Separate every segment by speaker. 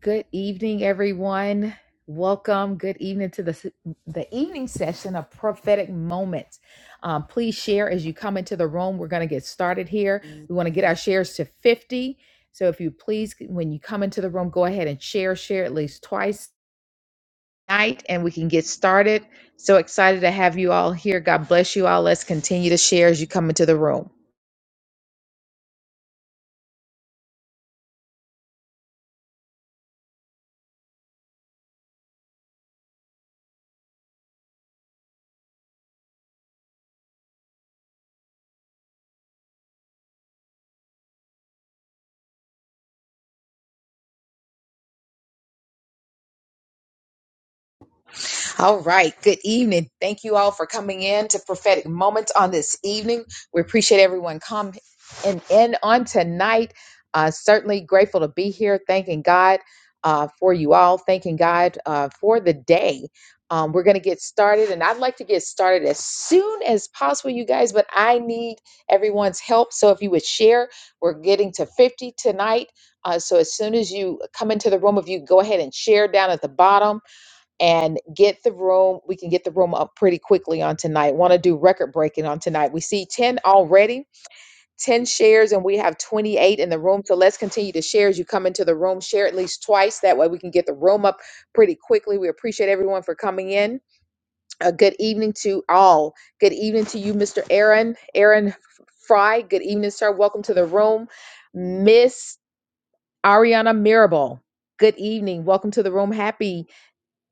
Speaker 1: Good evening, everyone. Welcome. Good evening to the the evening session of prophetic moments. Um, please share as you come into the room. We're going to get started here. We want to get our shares to fifty. So if you please, when you come into the room, go ahead and share. Share at least twice tonight, and we can get started. So excited to have you all here. God bless you all. Let's continue to share as you come into the room. All right. Good evening. Thank you all for coming in to Prophetic Moments on this evening. We appreciate everyone coming and in on tonight. Uh, certainly grateful to be here. Thanking God uh, for you all. Thanking God uh, for the day. Um, we're going to get started, and I'd like to get started as soon as possible, you guys, but I need everyone's help. So if you would share, we're getting to 50 tonight. Uh, so as soon as you come into the room, if you go ahead and share down at the bottom, and get the room. We can get the room up pretty quickly on tonight. Want to do record breaking on tonight. We see 10 already, 10 shares, and we have 28 in the room. So let's continue to share as you come into the room. Share at least twice. That way we can get the room up pretty quickly. We appreciate everyone for coming in. A good evening to all. Good evening to you, Mr. Aaron. Aaron Fry, good evening, sir. Welcome to the room. Miss Ariana Mirabal. Good evening. Welcome to the room. Happy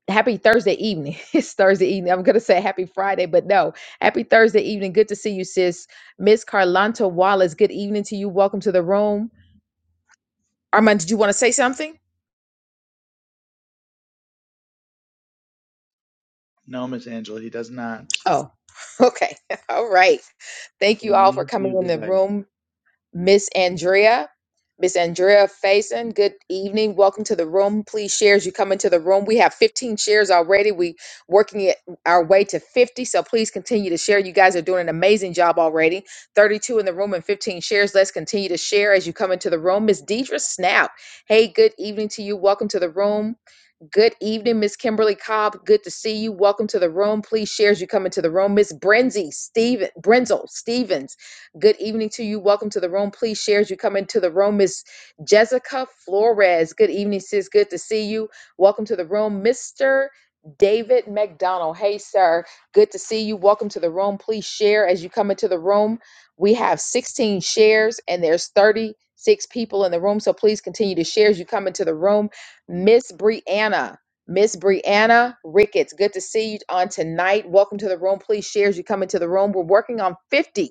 Speaker 1: happy Thursday evening. It's Thursday evening. I'm gonna say happy Friday, but no, happy Thursday evening. Good to see you, sis. Miss Carlanta Wallace. Good evening to you. Welcome to the room. Armand, did you want to say something?
Speaker 2: No, Miss Angela, he does not.
Speaker 1: Oh, okay. All right. Thank you all for
Speaker 2: Thank
Speaker 1: coming
Speaker 2: you.
Speaker 1: in the
Speaker 2: Goodbye.
Speaker 1: room. Miss Andrea. Miss Andrea Faison, good evening. Welcome to the room. Please share as you come into the room. We have 15 shares already. We working it our way to 50. So please continue to share. You guys are doing an amazing job already. 32 in the room and 15 shares. Let's continue to share as you come into the room. Miss Deidre Snap. Hey, good evening to you. Welcome to the room. Good evening, Miss Kimberly Cobb. Good to see you. Welcome to the room. Please share as you come into the room. Miss Brenzy Steven Brenzel Stevens. Good evening to you. Welcome to the room. Please share as you come into the room. Miss Jessica Flores. Good evening, sis. Good to see you. Welcome to the room, Mister. David McDonald. Hey, sir. Good to see you. Welcome to the room. Please share as you come into the room. We have 16 shares and there's 36 people in the room. So please continue to share as you come into the room. Miss Brianna. Miss Brianna Ricketts, good to see you on tonight. Welcome to the room. Please share as you come into the room. We're working on 50.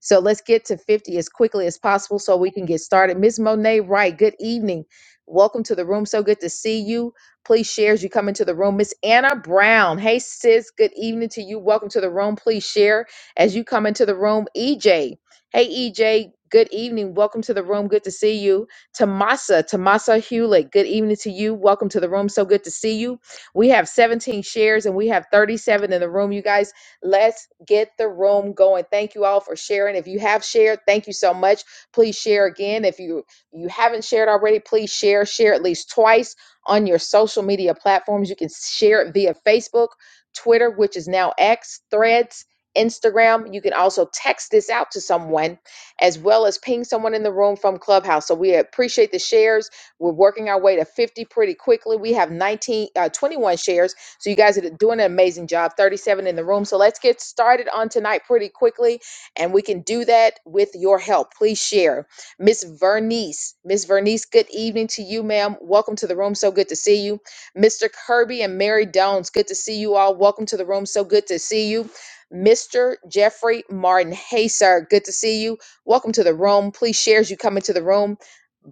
Speaker 1: So let's get to 50 as quickly as possible so we can get started. Ms. Monet Wright, good evening. Welcome to the room. So good to see you. Please share as you come into the room. Miss Anna Brown, hey sis, good evening to you. Welcome to the room. Please share as you come into the room. EJ, hey EJ, good evening. Welcome to the room. Good to see you. Tamasa, Tamasa Hewlett, good evening to you. Welcome to the room. So good to see you. We have 17 shares and we have 37 in the room, you guys. Let's get the room going. Thank you all for sharing. If you have shared, thank you so much. Please share again. If you you haven't shared already, please share. Share at least twice on your social media platforms. You can share it via Facebook, Twitter, which is now X, Threads, Instagram. You can also text this out to someone as well as ping someone in the room from Clubhouse. So we appreciate the shares. We're working our way to 50 pretty quickly. We have 19 uh, 21 shares so you guys are doing an amazing job. 37 in the room. So let's get started on tonight pretty quickly, and we can do that with your help. Please share. Miss Vernice, Miss Vernice, good evening to you, ma'am. Welcome to the room. So good to see you. Mr. Kirby and Mary Downs, good to see you all. Welcome to the room. So good to see you. Mr. Jeffrey Martin. Hey, sir. Good to see you. Welcome to the room. Please share as you come into the room.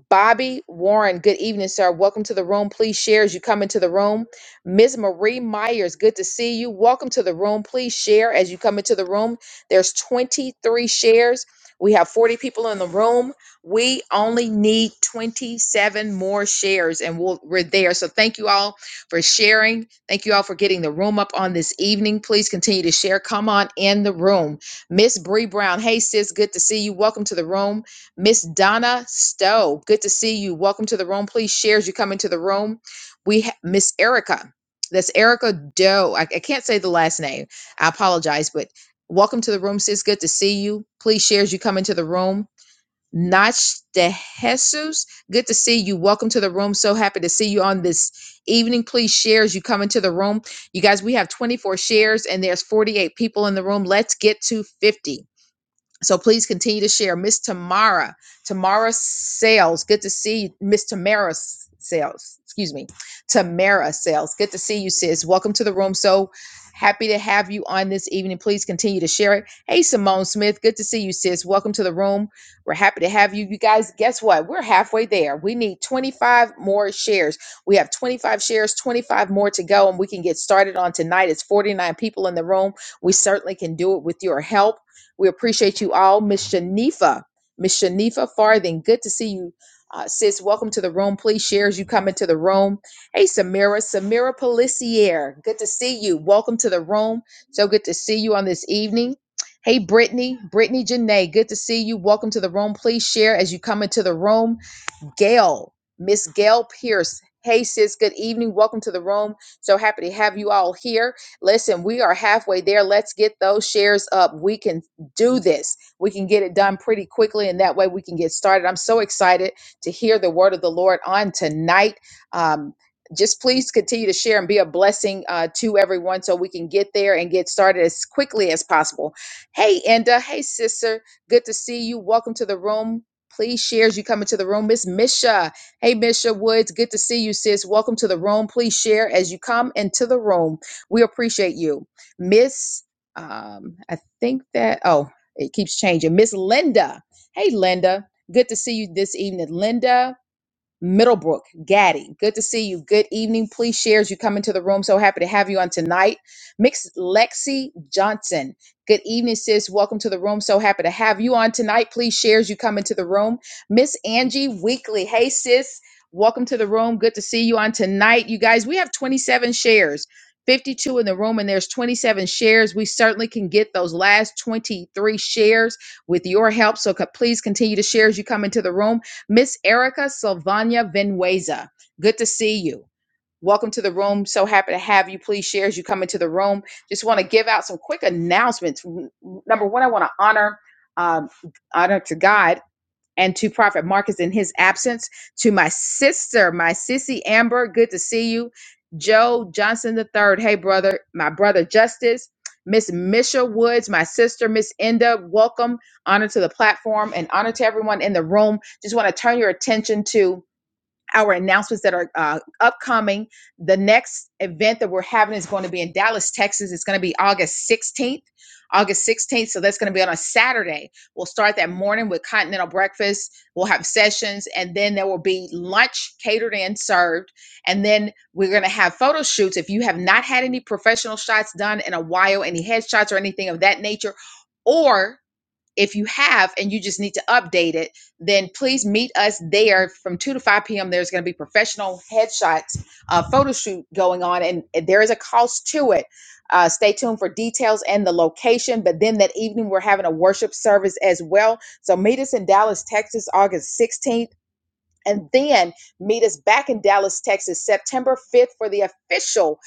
Speaker 1: Bobby Warren, good evening, sir. Welcome to the room. Please share as you come into the room. Ms. Marie Myers, good to see you. Welcome to the room. Please share as you come into the room. There's 23 shares. We have 40 people in the room. We only need 27 more shares and we'll, we're there. So thank you all for sharing. Thank you all for getting the room up on this evening. Please continue to share. Come on in the room. Miss Bree Brown. Hey, sis. Good to see you. Welcome to the room. Miss Donna Stowe. Good to see you. Welcome to the room. Please share as you come into the room. We ha- Miss Erica. That's Erica Doe. I, I can't say the last name. I apologize, but welcome to the room, sis. Good to see you. Please share as you come into the room. Nach de Jesus, good to see you. Welcome to the room. So happy to see you on this evening. Please share as you come into the room. You guys, we have 24 shares and there's 48 people in the room. Let's get to 50. So please continue to share. Miss Tamara, Tamara Sales, good to see you. Miss Tamara S- Sales, excuse me, Tamara Sales, good to see you, sis. Welcome to the room. So happy to have you on this evening. Please continue to share it. Hey, Simone Smith, good to see you, sis. Welcome to the room. We're happy to have you. You guys, guess what? We're halfway there. We need 25 more shares. We have 25 shares, 25 more to go, and we can get started on tonight. It's 49 people in the room. We certainly can do it with your help. We appreciate you all. Miss Shanifa, Miss Shanifa Farthing, good to see you. Uh, sis, welcome to the room. Please share as you come into the room. Hey, Samira, Samira Policier, good to see you. Welcome to the room. So good to see you on this evening. Hey, Brittany, Brittany Janae, good to see you. Welcome to the room. Please share as you come into the room. Gail, Miss Gail Pierce. Hey, sis, good evening. Welcome to the room. So happy to have you all here. Listen, we are halfway there. Let's get those shares up. We can do this. We can get it done pretty quickly, and that way we can get started. I'm so excited to hear the word of the Lord on tonight. Um, just please continue to share and be a blessing uh, to everyone so we can get there and get started as quickly as possible. Hey, Enda. Hey, sister. Good to see you. Welcome to the room. Please share as you come into the room. Miss Misha. Hey, Misha Woods. Good to see you, sis. Welcome to the room. Please share as you come into the room. We appreciate you. Miss, um, I think that, oh, it keeps changing. Miss Linda. Hey, Linda. Good to see you this evening, Linda. Middlebrook, Gaddy, good to see you. Good evening. Please share as you come into the room. So happy to have you on tonight. Mix Lexi Johnson. Good evening, sis. Welcome to the room. So happy to have you on tonight. Please share as you come into the room. Miss Angie Weekly. Hey, sis. Welcome to the room. Good to see you on tonight. You guys, we have 27 shares, 52 in the room, and there's 27 shares. We certainly can get those last 23 shares with your help. So co- please continue to share as you come into the room. Miss Erica Sylvania Venueza, good to see you. Welcome to the room. So happy to have you. Please share as you come into the room. Just want to give out some quick announcements. Number one, I want to honor um, honor to God and to Prophet Marcus in his absence, to my sister, my sissy Amber, good to see you. Joe Johnson III, hey brother, my brother Justice, Miss Misha Woods, my sister, Miss Enda, welcome, honor to the platform and honor to everyone in the room. Just want to turn your attention to our announcements that are uh, upcoming. The next event that we're having is going to be in Dallas, Texas. It's going to be August 16th. August 16th. So that's going to be on a Saturday. We'll start that morning with continental breakfast. We'll have sessions and then there will be lunch catered and served. And then we're going to have photo shoots. If you have not had any professional shots done in a while, any headshots or anything of that nature, or if you have and you just need to update it, then please meet us there from 2 to 5 p.m. There's going to be professional headshots, uh, photo shoot going on, and there is a cost to it. Uh, stay tuned for details and the location. But then that evening, we're having a worship service as well. So meet us in Dallas, Texas, August 16th and then meet us back in Dallas, Texas, September 5th for the official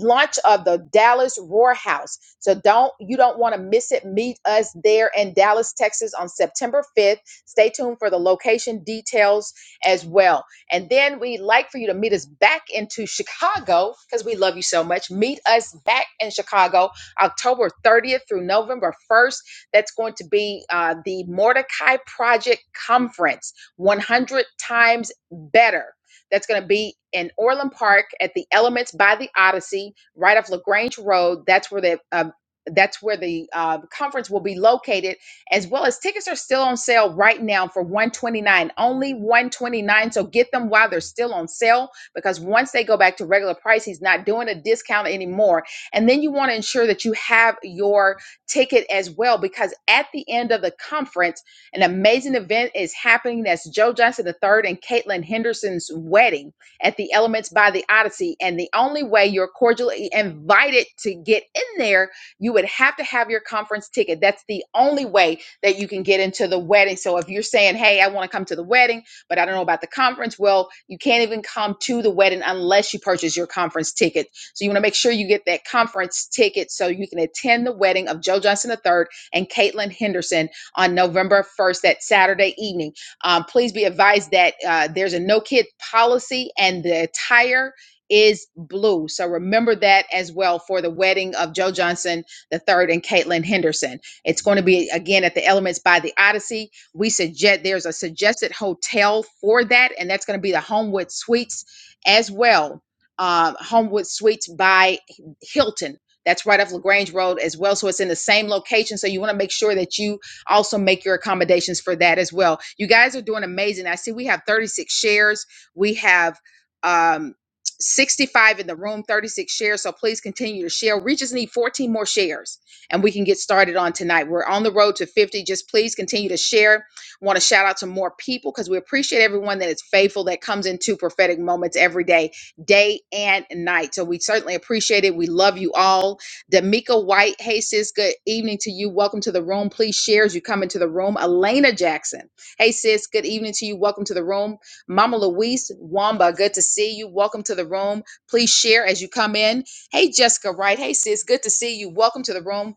Speaker 1: launch of the Dallas Roar House. So don't you don't want to miss it. Meet us there in Dallas, Texas on September 5th. Stay tuned for the location details as well. And then we'd like for you to meet us back into Chicago because we love you so much. Meet us back in Chicago October 30th through November 1st. That's going to be uh, the Mordecai Project Conference. 100 times better. That's going to be in Orland Park at the Elements by the Odyssey, right off Lagrange Road. That's where the uh, that's where the uh, conference will be located, as well as tickets are still on sale right now for 129, only 129. So get them while they're still on sale, because once they go back to regular price, he's not doing a discount anymore. And then you want to ensure that you have your ticket as well, because at the end of the conference an amazing event is happening. That's Joe Johnson III and Caitlin Henderson's wedding at the Elements by the Odyssey. And the only way you're cordially invited to get in there, you would have to have your conference ticket. That's the only way that you can get into the wedding. So if you're saying, hey, I want to come to the wedding, but I don't know about the conference, well, you can't even come to the wedding unless you purchase your conference ticket. So you want to make sure you get that conference ticket so you can attend the wedding of Joe Johnson III and Caitlin Henderson on November 1st, that Saturday evening. Um, please be advised that uh, there's a no kid policy and the attire is blue. So remember that as well for the wedding of Joe Johnson the third and Caitlin Henderson. It's going to be again at the Elements by the Odyssey. We suggest there's a suggested hotel for that, and that's going to be the Homewood Suites as well. Um, Homewood Suites by Hilton. That's right off LaGrange Road as well. So it's in the same location. So you want to make sure that you also make your accommodations for that as well. You guys are doing amazing. I see we have 36 shares. We have um 65 in the room, 36 shares. So please continue to share. We just need 14 more shares and we can get started on tonight. We're on the road to 50. Just please continue to share. Want to shout out to more people because we appreciate everyone that is faithful that comes into prophetic moments every day, day and night. So we certainly appreciate it. We love you all Damika White, hey sis, good evening to you. Welcome to the room. Please share as you come into the room. Elena Jackson, hey sis, good evening to you. Welcome to the room. Mama Louise Wamba, good to see you. Welcome to the room. Please share as you come in. Hey Jessica Wright, hey sis, good to see you. Welcome to the room.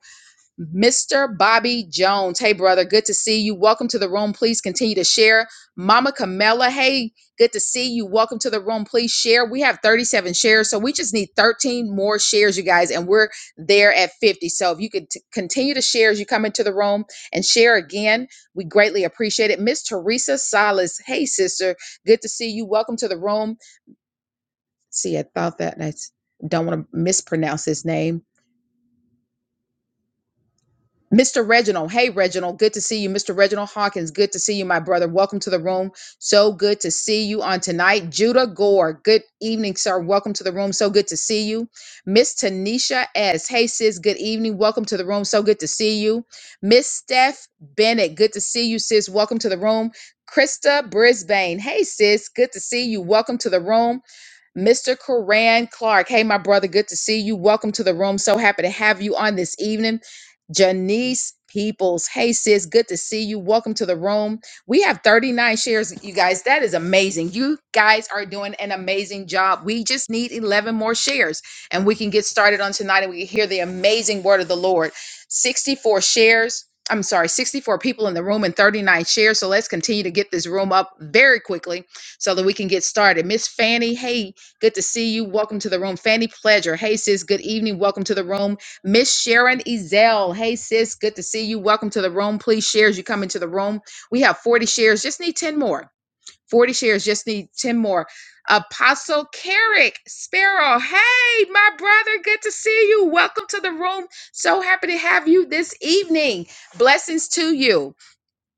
Speaker 1: Mr. Bobby Jones. Hey, brother, good to see you. Welcome to the room. Please continue to share. Mama Camella, hey, good to see you. Welcome to the room. Please share. We have 37 shares, so we just need 13 more shares, you guys, and we're there at 50. So if you could t- continue to share as you come into the room and share again, we greatly appreciate it. Miss Teresa Salas, hey, sister, good to see you. Welcome to the room. See, I thought that. I s- don't want to mispronounce his name. Mr. Reginald, hey Reginald, good to see you. Mr. Reginald Hawkins, good to see you, my brother. Welcome to the room. So good to see you on tonight. Judah Gore, good evening, sir. Welcome to the room. So good to see you. Miss Tanisha S, hey sis, good evening. Welcome to the room. So good to see you. Miss Steph Bennett, good to see you, sis. Welcome to the room. Krista Brisbane, hey sis, good to see you. Welcome to the room. Mr. Coran Clark. Hey, my brother, good to see you. Welcome to the room. So happy to have you on this evening. Janice Peoples. Hey, sis, good to see you. Welcome to the room. We have 39 shares, you guys. That is amazing. You guys are doing an amazing job. We just need 11 more shares and we can get started on tonight and we can hear the amazing word of the Lord. 64 shares. I'm sorry, 64 people in the room and 39 shares. So let's continue to get this room up very quickly so that we can get started. Miss Fanny, hey, Good to see you. Welcome to the room. Fanny Pleasure. Hey, sis. Good evening. Welcome to the room. Miss Sharon Ezel. Hey, sis. Good to see you. Welcome to the room. Please share as you come into the room. We have 40 shares. Just need 10 more. 40 shares. Just need 10 more. Apostle Carrick Sparrow. Hey, my brother. Good to see you. Welcome to the room. So happy to have you this evening. Blessings to you.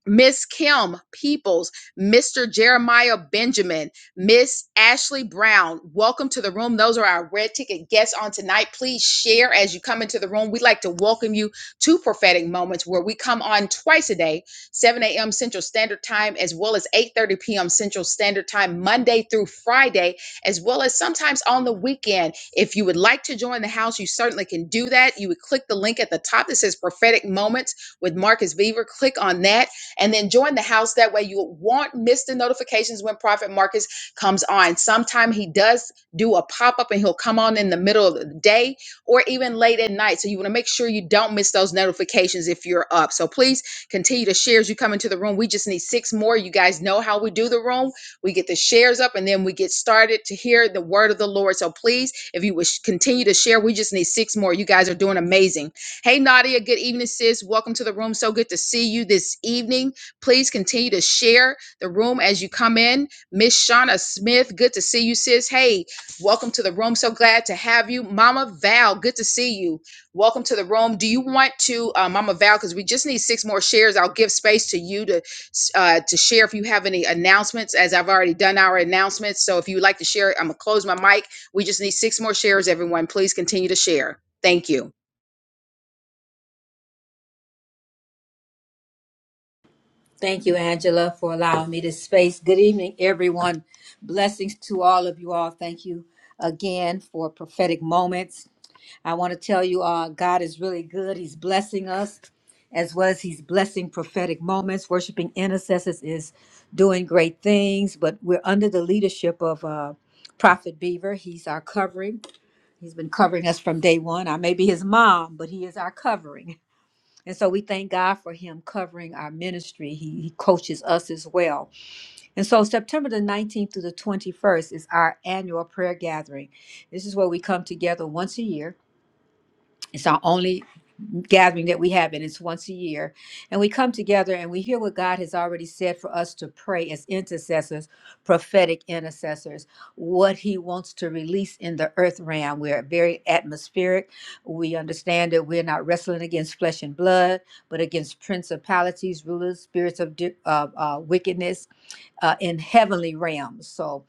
Speaker 1: Miss Kim Peoples, Mr. Jeremiah Benjamin, Miss Ashley Brown. Welcome to the room. Those are our red ticket guests on tonight. Please share as you come into the room. We'd like to welcome you to Prophetic Moments where we come on twice a day, 7 a.m. Central Standard Time, as well as 8:30 p.m. Central Standard Time, Monday through Friday, as well as sometimes on the weekend. If you would like to join the house, you certainly can do that. You would click the link at the top that says Prophetic Moments with Marcus Beaver. Click on that and then join the house. That way you won't miss the notifications when Prophet Marcus comes on. Sometime he does do a pop up and he'll come on in the middle of the day or even late at night. So you want to make sure you don't miss those notifications if you're up. So please continue to share as you come into the room. We just need six more. You guys know how we do the room. We get the shares up and then we get started to hear the word of the Lord. So please, if you wish, continue to share, we just need six more. You guys are doing amazing. Hey, Nadia, good evening, sis. Welcome to the room. So good to see you this evening. Please continue to share the room as you come in. Miss Shauna Smith, good to see you, sis. Hey, welcome to the room. So glad to have you. Mama Val, good to see you. Welcome to the room. Do you want to, uh, Mama Val, because we just need six more shares. I'll give space to you to uh, to share if you have any announcements, as I've already done our announcements. So if you would like to share, I'm going to close my mic. We just need six more shares, everyone. Please continue to share. Thank you.
Speaker 3: Thank you, Angela, for allowing me this space. Good evening, everyone. Blessings to all of you all. Thank you again for prophetic moments. I want to tell you, uh, God is really good. He's blessing us as well as He's blessing prophetic moments. Worshiping intercessors is doing great things, but we're under the leadership of uh, Prophet Beaver. He's our covering. He's been covering us from day one. I may be his mom, but he is our covering. And so we thank God for him covering our ministry. He, he coaches us as well. And so September the 19th through the 21st is our annual prayer gathering. This is where we come together once a year. It's our only gathering that we have, and it's once a year. And we come together and we hear what God has already said for us to pray as intercessors, prophetic intercessors, what He wants to release in the earth realm. We're very atmospheric. We understand that we're not wrestling against flesh and blood, but against principalities, rulers, spirits of di- of, uh, wickedness uh, in heavenly realms. So,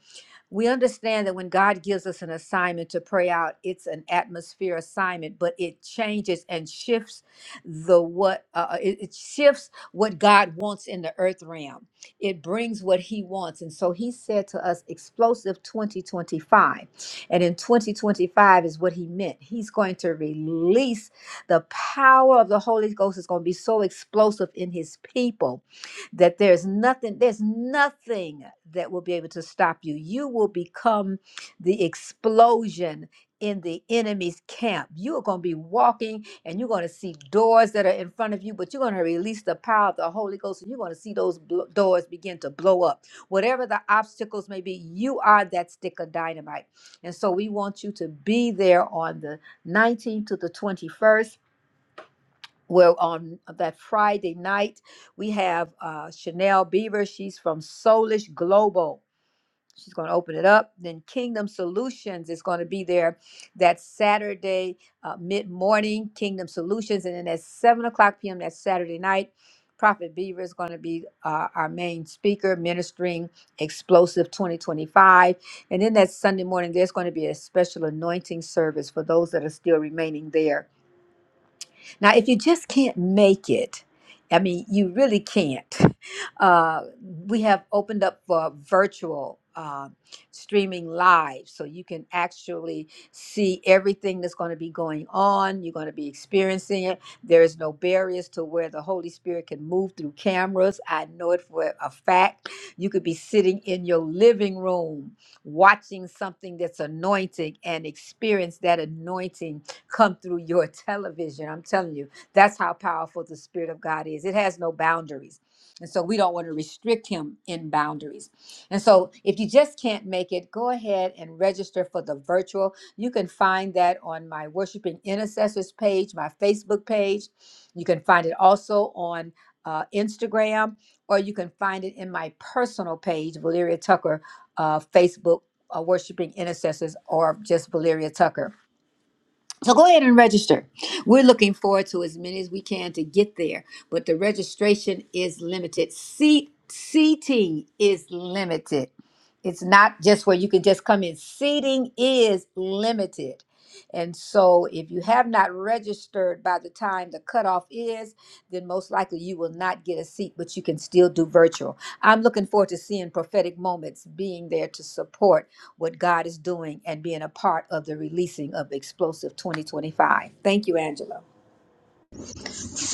Speaker 3: we understand that when God gives us an assignment to pray out, it's an atmosphere assignment, but it changes and shifts the what uh, uh, it, it shifts what God wants in the earth realm. It brings what He wants, and so He said to us, "Explosive 2025," and in 2025 is what He meant. He's going to release the power of the Holy Ghost. is going to be so explosive in His people that there's nothing there's nothing that will be able to stop you you will become the explosion in the enemy's camp you are going to be walking and you're going to see doors that are in front of you but you're going to release the power of the holy ghost and you're going to see those blo- doors begin to blow up whatever the obstacles may be you are that stick of dynamite and so we want you to be there on the 19th to the 21st well, on that Friday night, we have uh, Chanel Beaver. She's from Soulish Global. She's going to open it up. Then Kingdom Solutions is going to be there that Saturday, uh, mid morning, Kingdom Solutions. And then at 7 o'clock p.m. that Saturday night, Prophet Beaver is going to be uh, our main speaker ministering Explosive 2025. And then that Sunday morning, there's going to be a special anointing service for those that are still remaining there now, if you just can't make it, I mean, you really can't. Uh, we have opened up for virtual uh, streaming live, so you can actually see everything that's going to be going on. You're going to be experiencing it. There is no barriers to where the Holy Spirit can move through cameras. I know it for a fact. You could be sitting in your living room watching something that's anointing and experience that anointing come through your television. I'm telling you, that's how powerful the Spirit of God is. It has no boundaries. And so we don't want to restrict him in boundaries. And so if you just can't make it, go ahead and register for the virtual. You can find that on my Worshiping Intercessors page, my Facebook page. You can find it also on uh, Instagram, or you can find it in my personal page, Valeria Tucker, uh, Facebook, uh, Worshiping Intercessors, or just Valeria Tucker. So go ahead and register. We're looking forward to as many as we can to get there, but the registration is limited. Seat seating is limited. It's not just where you can just come in. Seating is limited. And so if you have not registered by the time the cutoff is, then most likely you will not get a seat, but you can still do virtual. I'm looking forward to seeing prophetic moments being there to support what God is doing and being a part of the releasing of Explosive 2025. Thank you, Angela.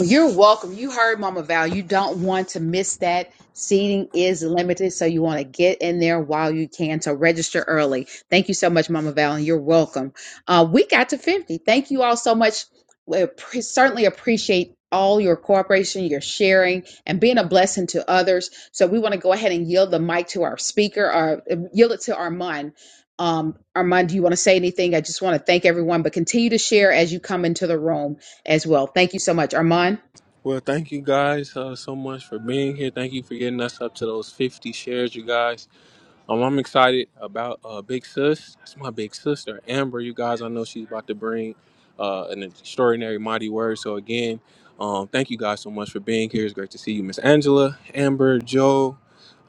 Speaker 1: Well, You're welcome. You heard Mama Val. You don't want to miss that. Seating is limited, so you want to get in there while you can to register early. Thank you so much, Mama Val, and you're welcome. Uh, we got to 50. Thank you all so much. We appre- certainly appreciate all your cooperation, your sharing, and being a blessing to others. So we want to go ahead and yield the mic to our speaker, or uh, yield it to Armand. Um, Armand, do you want to say anything? I just want to thank everyone, but continue to share as you come into the room as well. Thank you so much, Armand.
Speaker 4: Well, thank you guys uh, so much for being here. Thank you for getting us up to those 50 shares, you guys. Um, I'm excited about uh, Big Sis. That's my big sister, Amber. You guys, I know she's about to bring uh, an extraordinary, mighty word. So, again, um, thank you guys so much for being here. It's great to see you, Miss Angela, Amber, Joe,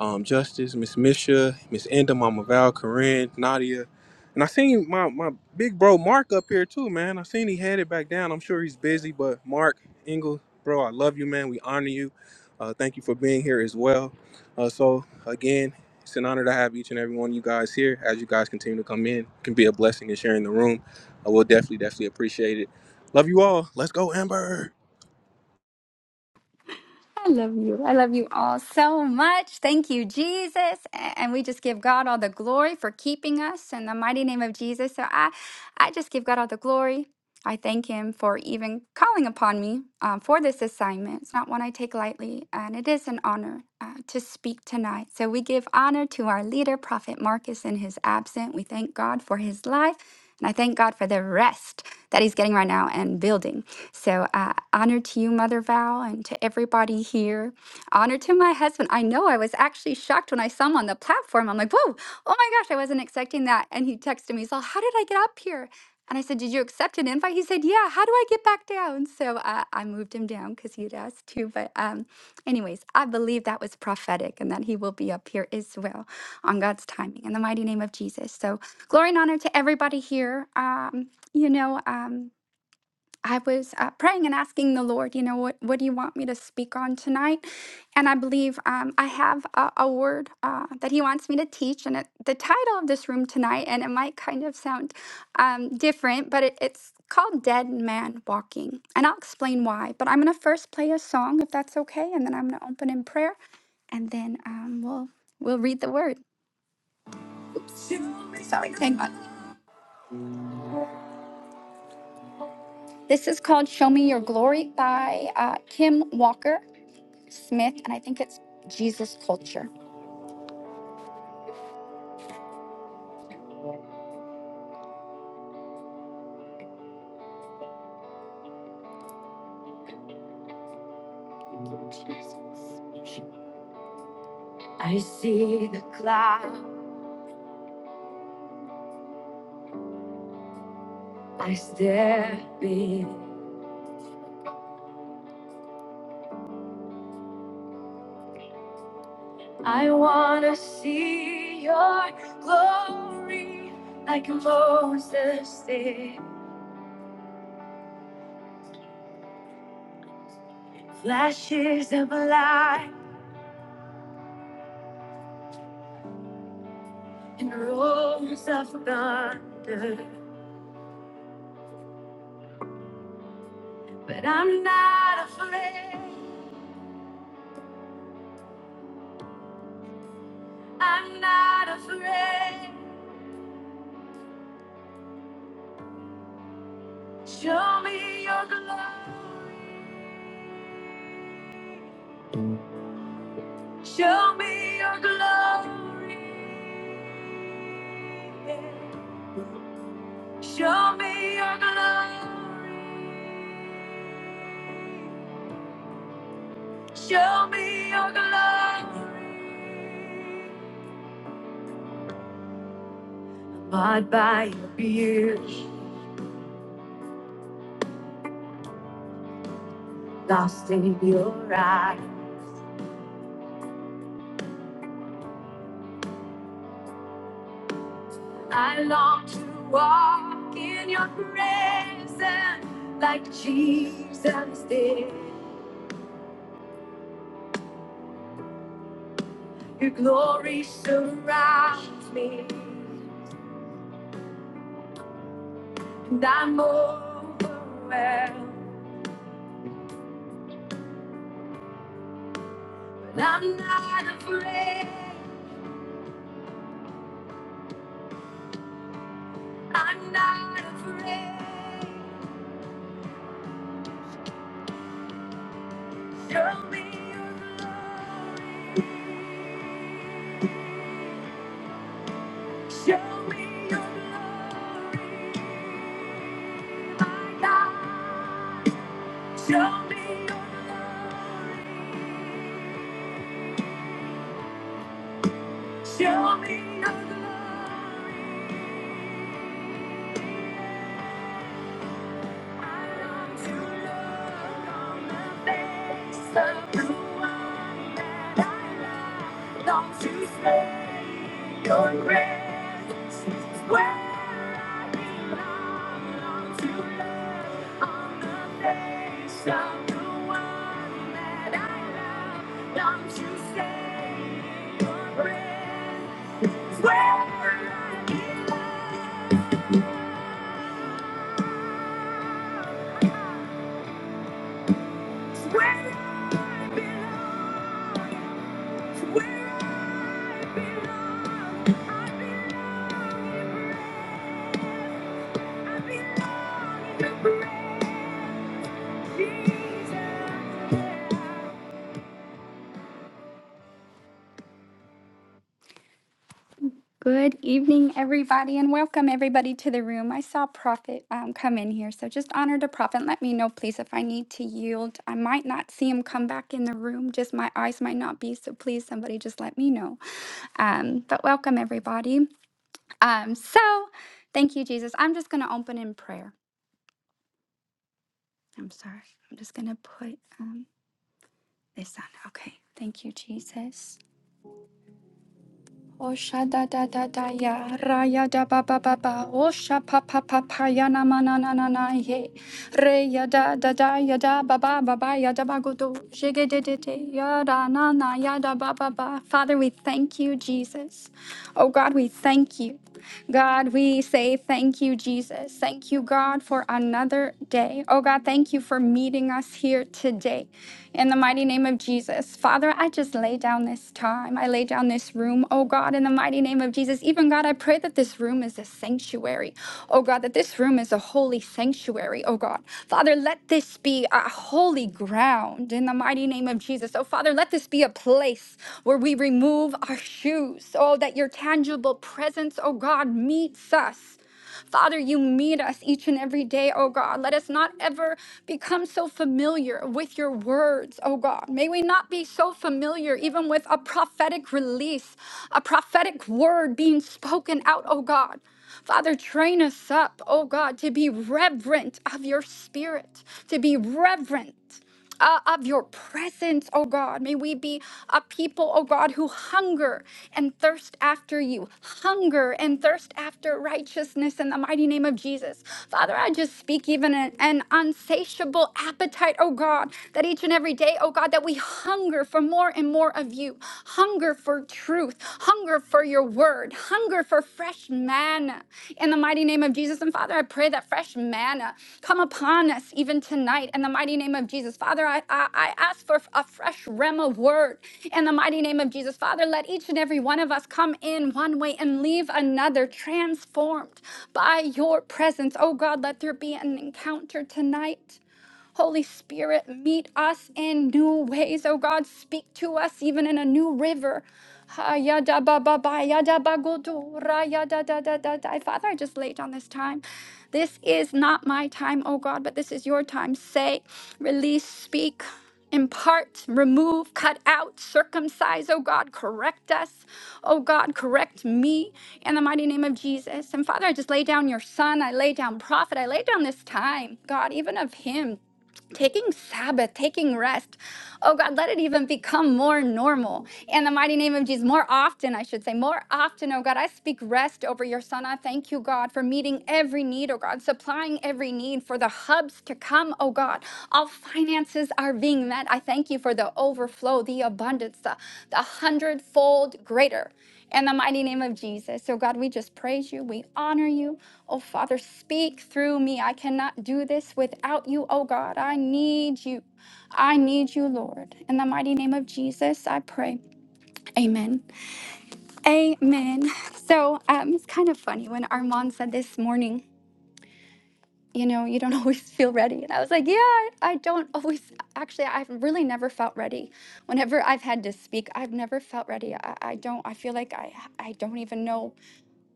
Speaker 4: um, Justice, Miss Misha, Miss Enda, Mama Val, Corinne, Nadia. And I seen my, my big bro Mark up here too, man. I seen he headed back down. I'm sure he's busy, but Mark Engel bro. I love you, man. We honor you. Uh, thank you for being here as well. Uh, so again, it's an honor to have each and every one of you guys here. As you guys continue to come in, it can be a blessing and sharing the room. I will definitely, definitely appreciate it. Love you all. Let's go, Amber.
Speaker 5: I love you. I love you all so much. Thank you, Jesus. A- And we just give God all the glory for keeping us in the mighty name of Jesus. So I, I just give God all the glory. I thank Him for even calling upon me um, for this assignment. It's not one I take lightly, and it is an honor uh, to speak tonight. So we give honor to our leader, Prophet Marcus, in his absence. We thank God for his life, and I thank God for the rest that he's getting right now and building. So, uh, honor to you, Mother Val, and to everybody here. Honor to my husband. I know I was actually shocked when I saw him on the platform. I'm like, whoa, oh my gosh, I wasn't expecting that. And he texted me, he's all, how did I get up here? And I said, Did you accept an invite? He said, Yeah, how do I get back down? So uh, I moved him down because he had asked too. But, um, anyways, I believe that was prophetic and that he will be up here as well on God's timing in the mighty name of Jesus. So, glory and honor to everybody here. Um, you know, um, I was uh, praying and asking the Lord, you know, what, what do you want me to speak on tonight? And I believe um, I have a, a word uh, that He wants me to teach. And it, the title of this room tonight, and it might kind of sound um, different, but it, it's called Dead Man Walking. And I'll explain why. But I'm going to first play a song, if that's okay. And then I'm going to open in prayer. And then um, we'll, we'll read the word. Sorry, hang on. This is called Show Me Your Glory by uh, Kim Walker. Smith, and I think it's Jesus Culture. I see the cloud, I step in. I wanna see your glory like Moses did. Flashes of light and roars of thunder. But I'm not afraid, I'm not afraid. Show me your glory, show me your glory. yeah. Show me your glory. Show me your glory. Bought by your beauty, lost in your eyes. I long to walk in your presence like Jesus did. Your glory surrounds me, and I'm overwhelmed. But I'm not afraid. I'm not afraid. Show me your love. Show me your love, my God. Show me your love. Show me your love. Where I belong. Jesus. Good evening, everybody, and welcome everybody to the room. I saw Prophet um, come in here, so just honor to Prophet. Let me know, please, if I need to yield. I might not see him come back in the room, just my eyes might not be, so please, somebody just let me know. Um, but welcome, everybody. Um, so, thank you, Jesus. I'm just going to open in prayer. I'm sorry. I'm just going to put um, this on. Okay. Thank you, Jesus. Osha da da da da ya raya da ba ba ba ba osha pa pa pa pa ya na ma na na na na ye re ya da da da ya da ba ba ba ba ya da ba go do shige de de de ya da na na ya da ba ba ba Father we thank you Jesus oh God we thank you God, we say thank you, Jesus. Thank you, God, for another day. Oh, God, thank you for meeting us here today. In the mighty name of Jesus. Father, I just lay down this time. I lay down this room. Oh, God, in the mighty name of Jesus. Even, God, I pray that this room is a sanctuary. Oh, God, that this room is a holy sanctuary. Oh, God. Father, let this be a holy ground in the mighty name of Jesus. Oh, Father, let this be a place where where we remove our shoes. Oh, that your tangible presence, oh God, meets us. Father, you meet us each and every day, oh God. Let us not ever become so familiar with your words, oh God. May we not be so familiar even with a prophetic release, a prophetic word being spoken out, oh God. Father, train us up, oh God, to be reverent of your spirit, to be reverent uh, of your presence, oh God. May we be a people, oh God, who hunger and thirst after you, hunger and thirst after righteousness in the mighty name of Jesus. Father, I just speak even an, an unsatiable appetite, oh God, that each and every day, oh God, that we hunger for more and more of you, hunger for truth, hunger for your word word, hunger for fresh manna in the mighty name of Jesus. And Father, I pray that fresh manna come upon us even tonight in the mighty name of Jesus. Father, I, I, I ask for a fresh rem word in the mighty name of Jesus. Father, let each and every one of us come in one way and leave another transformed by your presence. Oh God, let there be an encounter tonight. Holy Spirit, meet us in new ways, oh God. Speak to us even in a new river. Ha, ya, da, ba, ba, ba, ya, da, ba, go, do, ra, ya, da, da, da, da, da. Father, I just laid on this time. This is not my time, oh God, but this is your time. Say, release, speak, impart, remove, cut out, circumcise, oh God, correct us, oh God, correct me in the mighty name of Jesus. And Father, I just lay down your son, I lay down prophet, I lay down this time, God, even of him taking Sabbath, taking rest. Oh God, let it even become more normal. In the mighty name of Jesus, more often, I should say, more often, oh God, I speak rest over your son. I thank you, God, for meeting every need, oh God, supplying every need for the hubs to come, oh God. All finances are being met. I thank you for the overflow, the abundance, the, the hundredfold greater. In the mighty name of Jesus. So, God, we just praise you. We honor you. Oh, Father, speak through me. I cannot do this without you. Oh, God, I need you. I need you, Lord. In the mighty name of Jesus, I pray. Amen. Amen. So, um, it's kind of funny when Armand said this morning, you know, you don't always feel ready. And I was like, yeah, I I don't always. Actually, I've really never felt ready. Whenever I've had to speak, I've never felt ready. I, I don't, I feel like I, I don't even know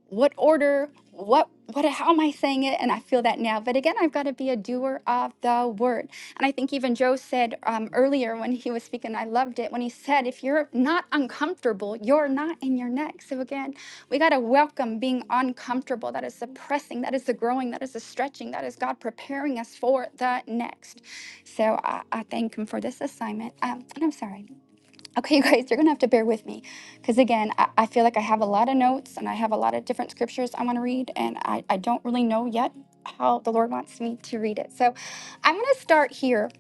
Speaker 5: what order what what how am i saying it and i feel that now but again i've got to be a doer of the word and i think even joe said um, earlier when he was speaking i loved it when he said if you're not uncomfortable you're not in your next so again we got to welcome being uncomfortable that is the pressing that is the growing that is the stretching that is god preparing us for the next so i, I thank him for this assignment um, and i'm sorry Okay, you guys, you're going to have to bear with me because, again, I, I feel like I have a lot of notes and I have a lot of different scriptures I want to read, and I, I don't really know yet how the Lord wants me to read it. So I'm going to start here,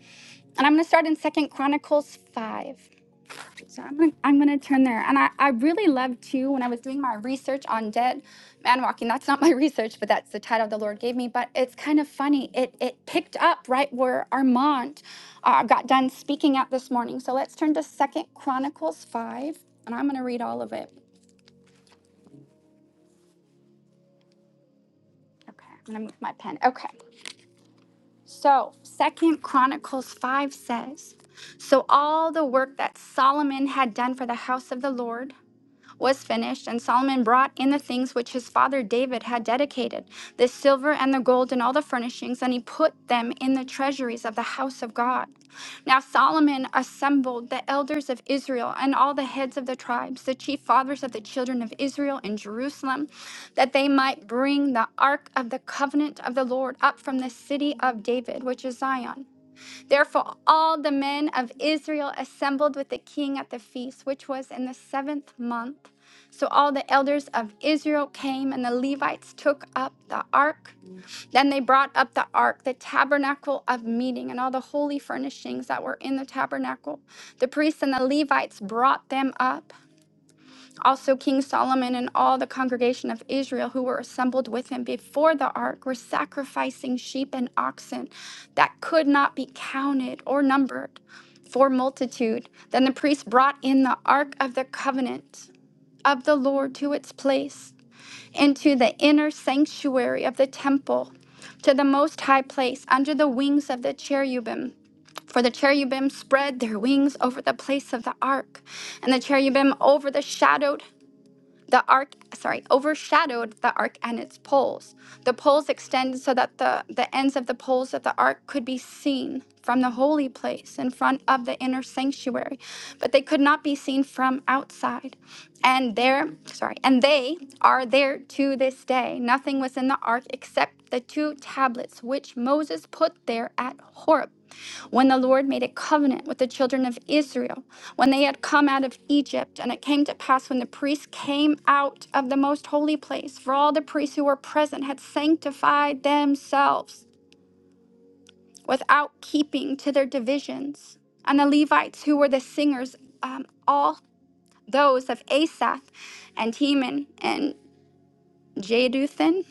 Speaker 5: and I'm going to start in Second Chronicles 5. So I'm gonna I'm gonna turn there. And I, I really love too when I was doing my research on dead man walking, that's not my research, but that's the title the Lord gave me. But it's kind of funny. It it picked up right where Armand uh, got done speaking at this morning. So let's turn to Second Chronicles five, and I'm gonna read all of it. Okay, I'm gonna move my pen. Okay. So Second Chronicles five says, So all the work that Solomon had done for the house of the Lord was finished, and Solomon brought in the things which his father David had dedicated, the silver and the gold and all the furnishings, and he put them in the treasuries of the house of God. Now Solomon assembled the elders of Israel and all the heads of the tribes, the chief fathers of the children of Israel in Jerusalem, that they might bring the ark of the covenant of the Lord up from the city of David, which is Zion. Therefore, all the men of Israel assembled with the king at the feast, which was in the seventh month. So all the elders of Israel came, and the Levites took up the ark. Then they brought up the ark, the tabernacle of meeting, and all the holy furnishings that were in the tabernacle. The priests and the Levites brought them up. Also, King Solomon and all the congregation of Israel who were assembled with him before the ark were sacrificing sheep and oxen that could not be counted or numbered for multitude. Then the priest brought in the ark of the covenant of the Lord to its place into the inner sanctuary of the temple to the most high place under the wings of the cherubim. For the cherubim spread their wings over the place of the ark, and the cherubim overshadowed the arc sorry overshadowed the arc and its poles the poles extended so that the, the ends of the poles of the ark could be seen from the holy place in front of the inner sanctuary but they could not be seen from outside and there sorry and they are there to this day nothing was in the ark except the two tablets which moses put there at horeb when the Lord made a covenant with the children of Israel, when they had come out of Egypt. And it came to pass when the priests came out of the most holy place, for all the priests who were present had sanctified themselves without keeping to their divisions. And the Levites, who were the singers, um, all those of Asaph and Heman and. Jeduthun,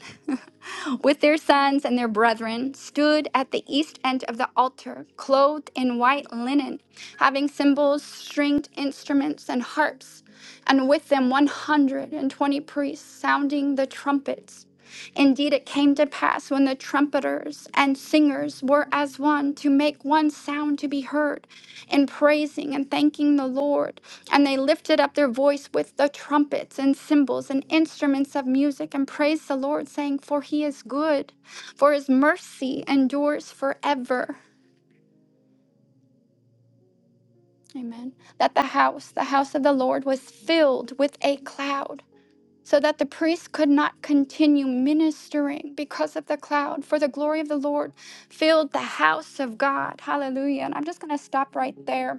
Speaker 5: with their sons and their brethren, stood at the east end of the altar, clothed in white linen, having cymbals, stringed instruments, and harps, and with them 120 priests sounding the trumpets. Indeed, it came to pass when the trumpeters and singers were as one to make one sound to be heard in praising and thanking the Lord. And they lifted up their voice with the trumpets and cymbals and instruments of music and praised the Lord, saying, For he is good, for his mercy endures forever. Amen. That the house, the house of the Lord, was filled with a cloud, so that the priests could not continue ministering because of the cloud. For the glory of the Lord filled the house of God. Hallelujah. And I'm just going to stop right there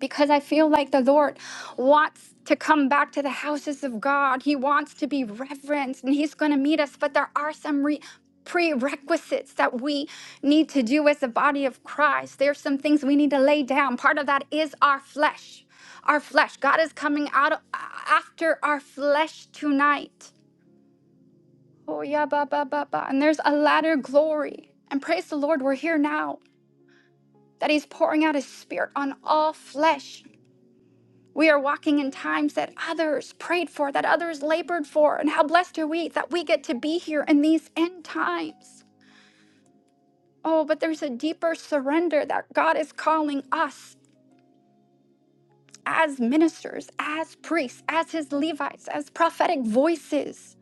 Speaker 5: because I feel like the Lord wants to come back to the houses of God. He wants to be reverenced and He's going to meet us. But there are some re- prerequisites that we need to do as the body of Christ. There's some things we need to lay down. Part of that is our flesh. Our flesh. God is coming out of, after our flesh tonight. Oh, yeah, ba, ba, ba, ba. And there's a latter glory. And praise the Lord, we're here now that He's pouring out His Spirit on all flesh. We are walking in times that others prayed for, that others labored for, and how blessed are we that we get to be here in these end times. Oh, but there's a deeper surrender that God is calling us as ministers, as priests, as his Levites, as prophetic voices,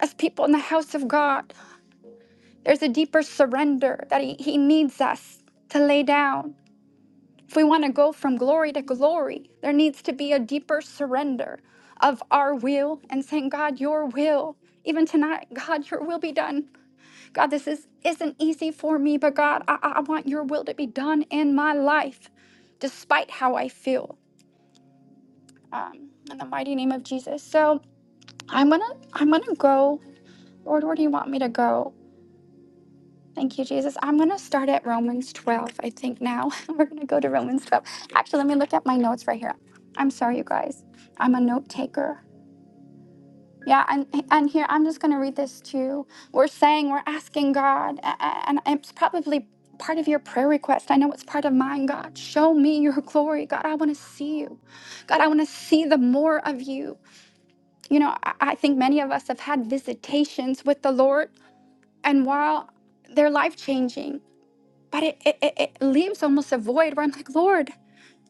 Speaker 5: as people in the house of God. There's a deeper surrender that he, he needs us to lay down If we want to go from glory to glory, there needs to be a deeper surrender of our will and saying, God, your will. Even tonight, God, your will be done. God, this is, isn't easy for me, but God, I, I I want your will to be done in my life, despite how I feel. Um, in the mighty name of Jesus. So I'm gonna I'm gonna go. Lord, where do you want me to go? Thank you, Jesus. I'm going to start at Romans 12, I think now. We're going to go to Romans 12. Actually, let me look at my notes right here. I'm sorry, you guys. I'm a note taker. Yeah, and, and here, I'm just going to read this too. We're saying, we're asking God, a- a- and it's probably part of your prayer request. I know it's part of mine, God. Show me your glory. God, I want to see you. God, I want to see the more of you. You know, I, I think many of us have had visitations with the Lord, and while they're life changing, but it, it, it, it leaves almost a void where I'm like, Lord,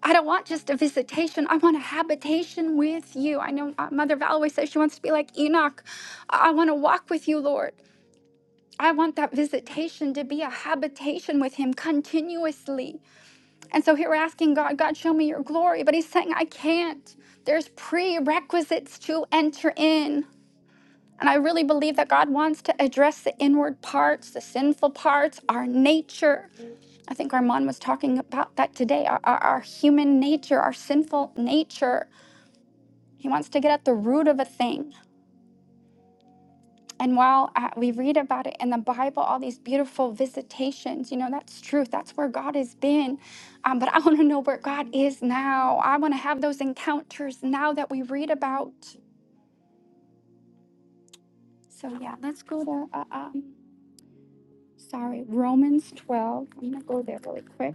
Speaker 5: I don't want just a visitation. I want a habitation with you. I know uh, Mother Val always says she wants to be like Enoch. I, I want to walk with you, Lord. I want that visitation to be a habitation with him continuously. And so here we're asking God, God, show me your glory. But he's saying, I can't. There's prerequisites to enter in. And I really believe that God wants to address the inward parts, the sinful parts, our nature I think Armand was talking about that today. Our, our, our human nature, our sinful nature, he wants to get at the root of a thing. And while uh, we read about it in the Bible, all these beautiful visitations, you know, that's truth. That's where God has been. Um, but I want to know where God is now. I want to have those encounters now that we read about. So, yeah, let's go to, uh, um, sorry, Romans 12. I'm going to go there really quick.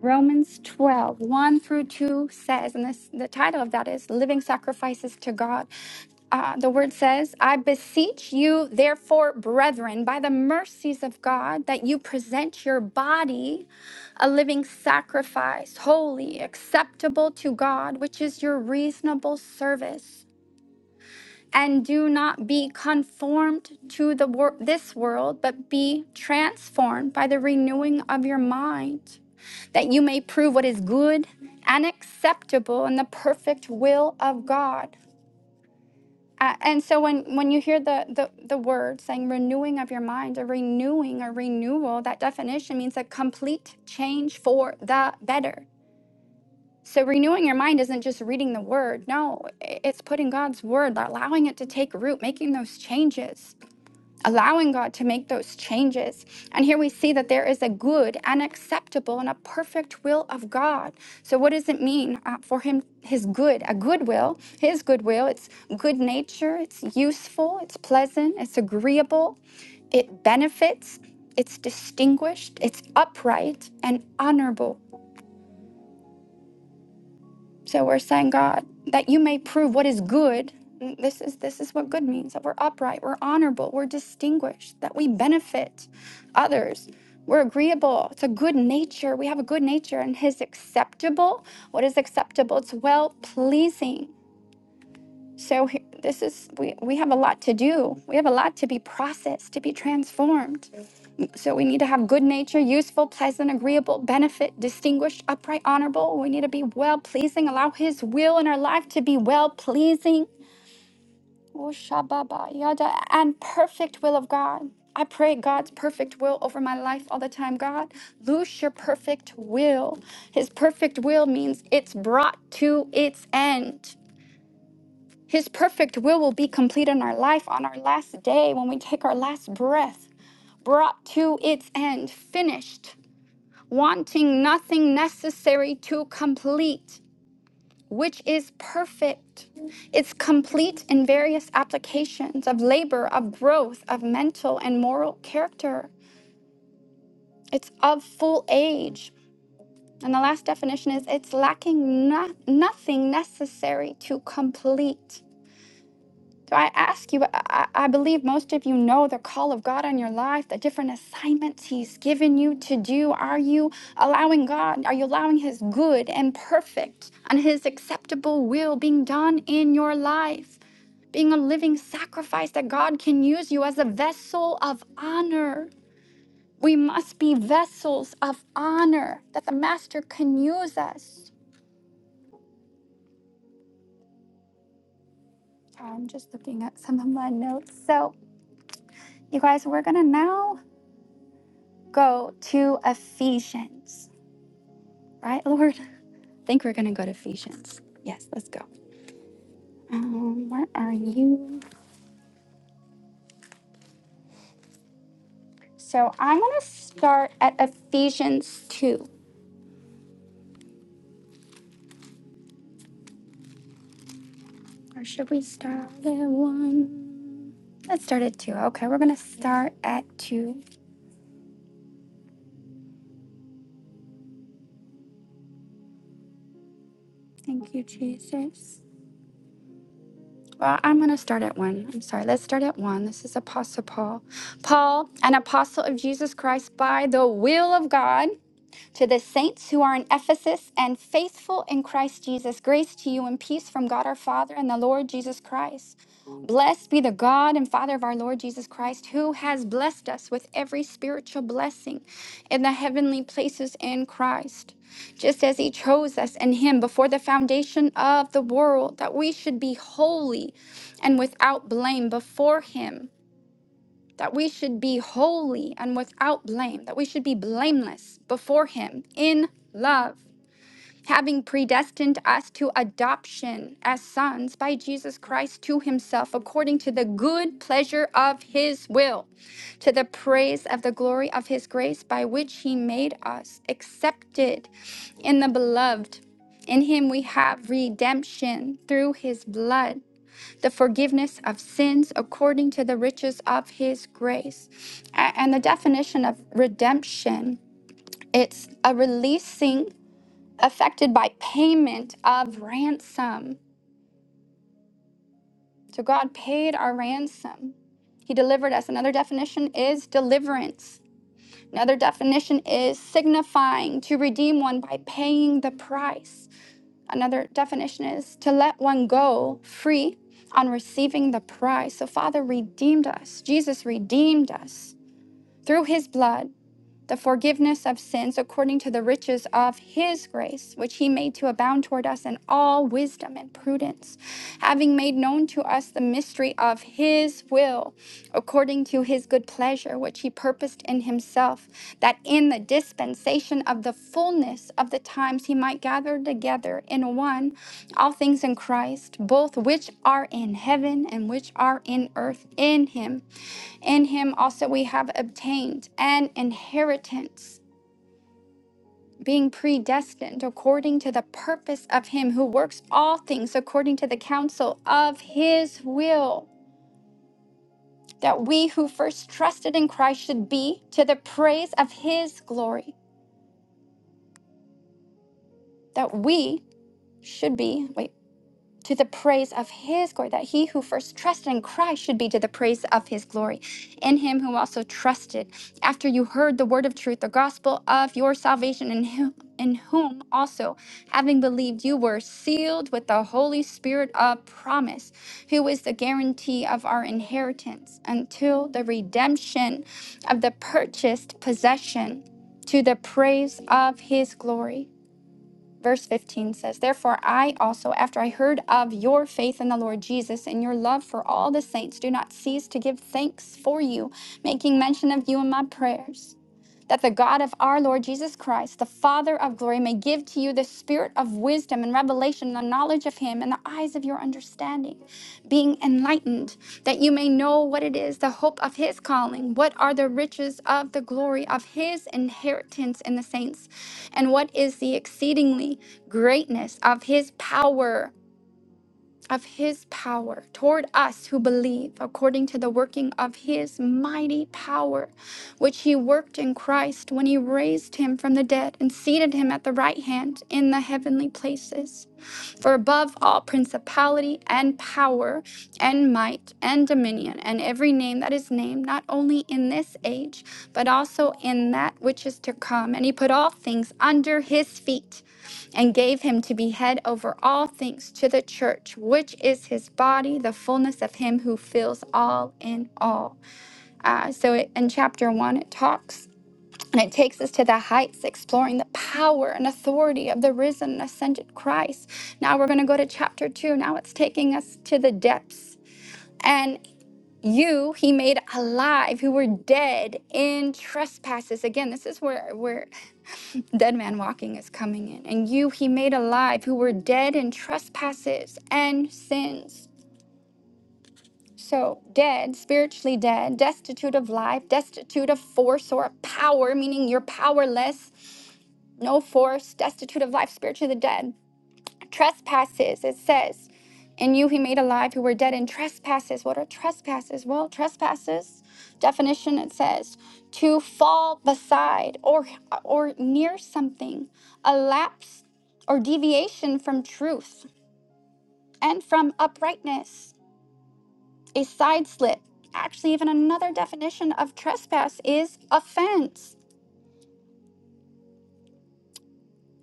Speaker 5: Romans twelve one through 2 says, and this, the title of that is Living Sacrifices to God. Uh, the word says, I beseech you, therefore, brethren, by the mercies of God, that you present your body a living sacrifice, holy, acceptable to God, which is your reasonable service and do not be conformed to the wor- this world but be transformed by the renewing of your mind that you may prove what is good and acceptable in the perfect will of god A- and so when, when you hear the, the, the word saying renewing of your mind a renewing a renewal that definition means a complete change for the better so renewing your mind isn't just reading the word. No, i- it's putting God's word, allowing it to take root, making those changes, allowing God to make those changes. And here we see that there is a good and acceptable and a perfect will of God. So what does it mean uh, for him his good, a good will, his good will, it's good nature, it's useful, it's pleasant, it's agreeable, it benefits, it's distinguished, it's upright and honorable. So we're saying, God, that you may prove what is good. This is this is what good means, that we're upright, we're honorable, we're distinguished, that we benefit others. We're agreeable. It's a good nature. We have a good nature and his acceptable. What is acceptable? It's well pleasing. So he- this is we, we have a lot to do. We have a lot to be processed, to be transformed. So we need to have good nature, useful, pleasant, agreeable, benefit, distinguished, upright, honorable. We need to be well pleasing. Allow His will in our life to be well pleasing. Oh, shababa, yada, And perfect will of God. I pray God's perfect will over my life all the time. God, loose your perfect will. His perfect will means it's brought to its end. His perfect will will be complete in our life on our last day when we take our last breath, brought to its end, finished wanting nothing necessary to complete, which is perfect. It's complete in various applications of labor, of growth, of mental and moral character. It's of full age. And the last definition is it's lacking no- nothing necessary to complete. So I ask you, I, I believe most of you know the call of God on your life, the different assignments He's given you to do. Are you allowing God, are you allowing His good and perfect and His acceptable will being done in your life? Being a living sacrifice that God can use you as a vessel of honor. We must be vessels of honor that the Master can use us. I'm just looking at some of my notes. So, you guys, we're going to now go to Ephesians, right, Lord? I think we're going to go to Ephesians. Yes, let's go. Um, where are you? So I'm going to start at Ephesians 2. Or should we start at 1? Let's start at 2. Okay, we're going to start at 2. Thank you, Jesus. Well, I'm going to start at 1. I'm sorry. Let's start at 1. This is Apostle Paul. Paul, an apostle of Jesus Christ by the will of God To the saints who are in Ephesus and faithful in Christ Jesus, grace to you and peace from God our Father and the Lord Jesus Christ. Blessed be the God and Father of our Lord Jesus Christ, who has blessed us with every spiritual blessing in the heavenly places in Christ, just as He chose us in Him before the foundation of the world, that we should be holy and without blame before Him that we should be holy and without blame, that we should be blameless before Him in love, having predestined us to adoption as sons by Jesus Christ to Himself, according to the good pleasure of His will, to the praise of the glory of His grace, by which He made us accepted in the beloved. In Him we have redemption through His blood the forgiveness of sins according to the riches of his grace. And the definition of redemption, it's a releasing affected by payment of ransom. So God paid our ransom. He delivered us. Another definition is deliverance. Another definition is signifying to redeem one by paying the price. Another definition is to let one go free on receiving the prize. So, Father redeemed us. Jesus redeemed us through his blood the forgiveness of sins according to the riches of his grace, which he made to abound toward us in all wisdom and prudence, having made known to us the mystery of his will, according to his good pleasure, which he purposed in himself, that in the dispensation of the fullness of the times he might gather together in one all things in Christ, both which are in heaven and which are in earth in him in him also we have obtained an inheritance, being predestined according to the purpose of him who works all things according to the counsel of his will, that we who first trusted in Christ should be to the praise of his glory, that we should be, wait, to the praise of his glory, that he who first trusted in Christ should be to the praise of his glory. In him who also trusted, after you heard the word of truth, the gospel of your salvation, in him in whom also, having believed, you were sealed with the Holy Spirit of promise, who is the guarantee of our inheritance until the redemption of the purchased possession to the praise of his glory. Verse 15 says, Therefore, I also, after I heard of your faith in the Lord Jesus and your love for all the saints, do not cease to give thanks for you, making mention of you in my prayers that the God of our Lord Jesus Christ, the Father of glory, may give to you the spirit of wisdom and revelation, the knowledge of Him, and the eyes of your understanding, being enlightened, that you may know what it is, the hope of His calling, what are the riches of the glory of His inheritance in the saints, and what is the exceedingly greatness of His power of his power toward us who believe according to the working of his mighty power which he worked in Christ when he raised him from the dead and seated him at the right hand in the heavenly places for above all principality and power and might and dominion and every name that is named not only in this age but also in that which is to come and he put all things under his feet and gave him to be head over all things to the church, which is his body, the fullness of him who fills all in all. Uh, so it, in chapter one, it talks and it takes us to the heights, exploring the power and authority of the risen and ascended Christ. Now we're going to go to chapter two. Now it's taking us to the depths. And you he made alive who were dead in trespasses again this is where where dead man walking is coming in, and you he made alive who were dead in trespasses and sins. So, dead, spiritually dead, destitute of life, destitute of force or power, meaning you're powerless, no force, destitute of life, spiritually dead. Trespasses, it says. In you he made alive who were dead in trespasses. What are trespasses? Well, trespasses, definition it says, to fall beside or or near something, a lapse or deviation from truth and from uprightness, a side slip. Actually, even another definition of trespass is offense.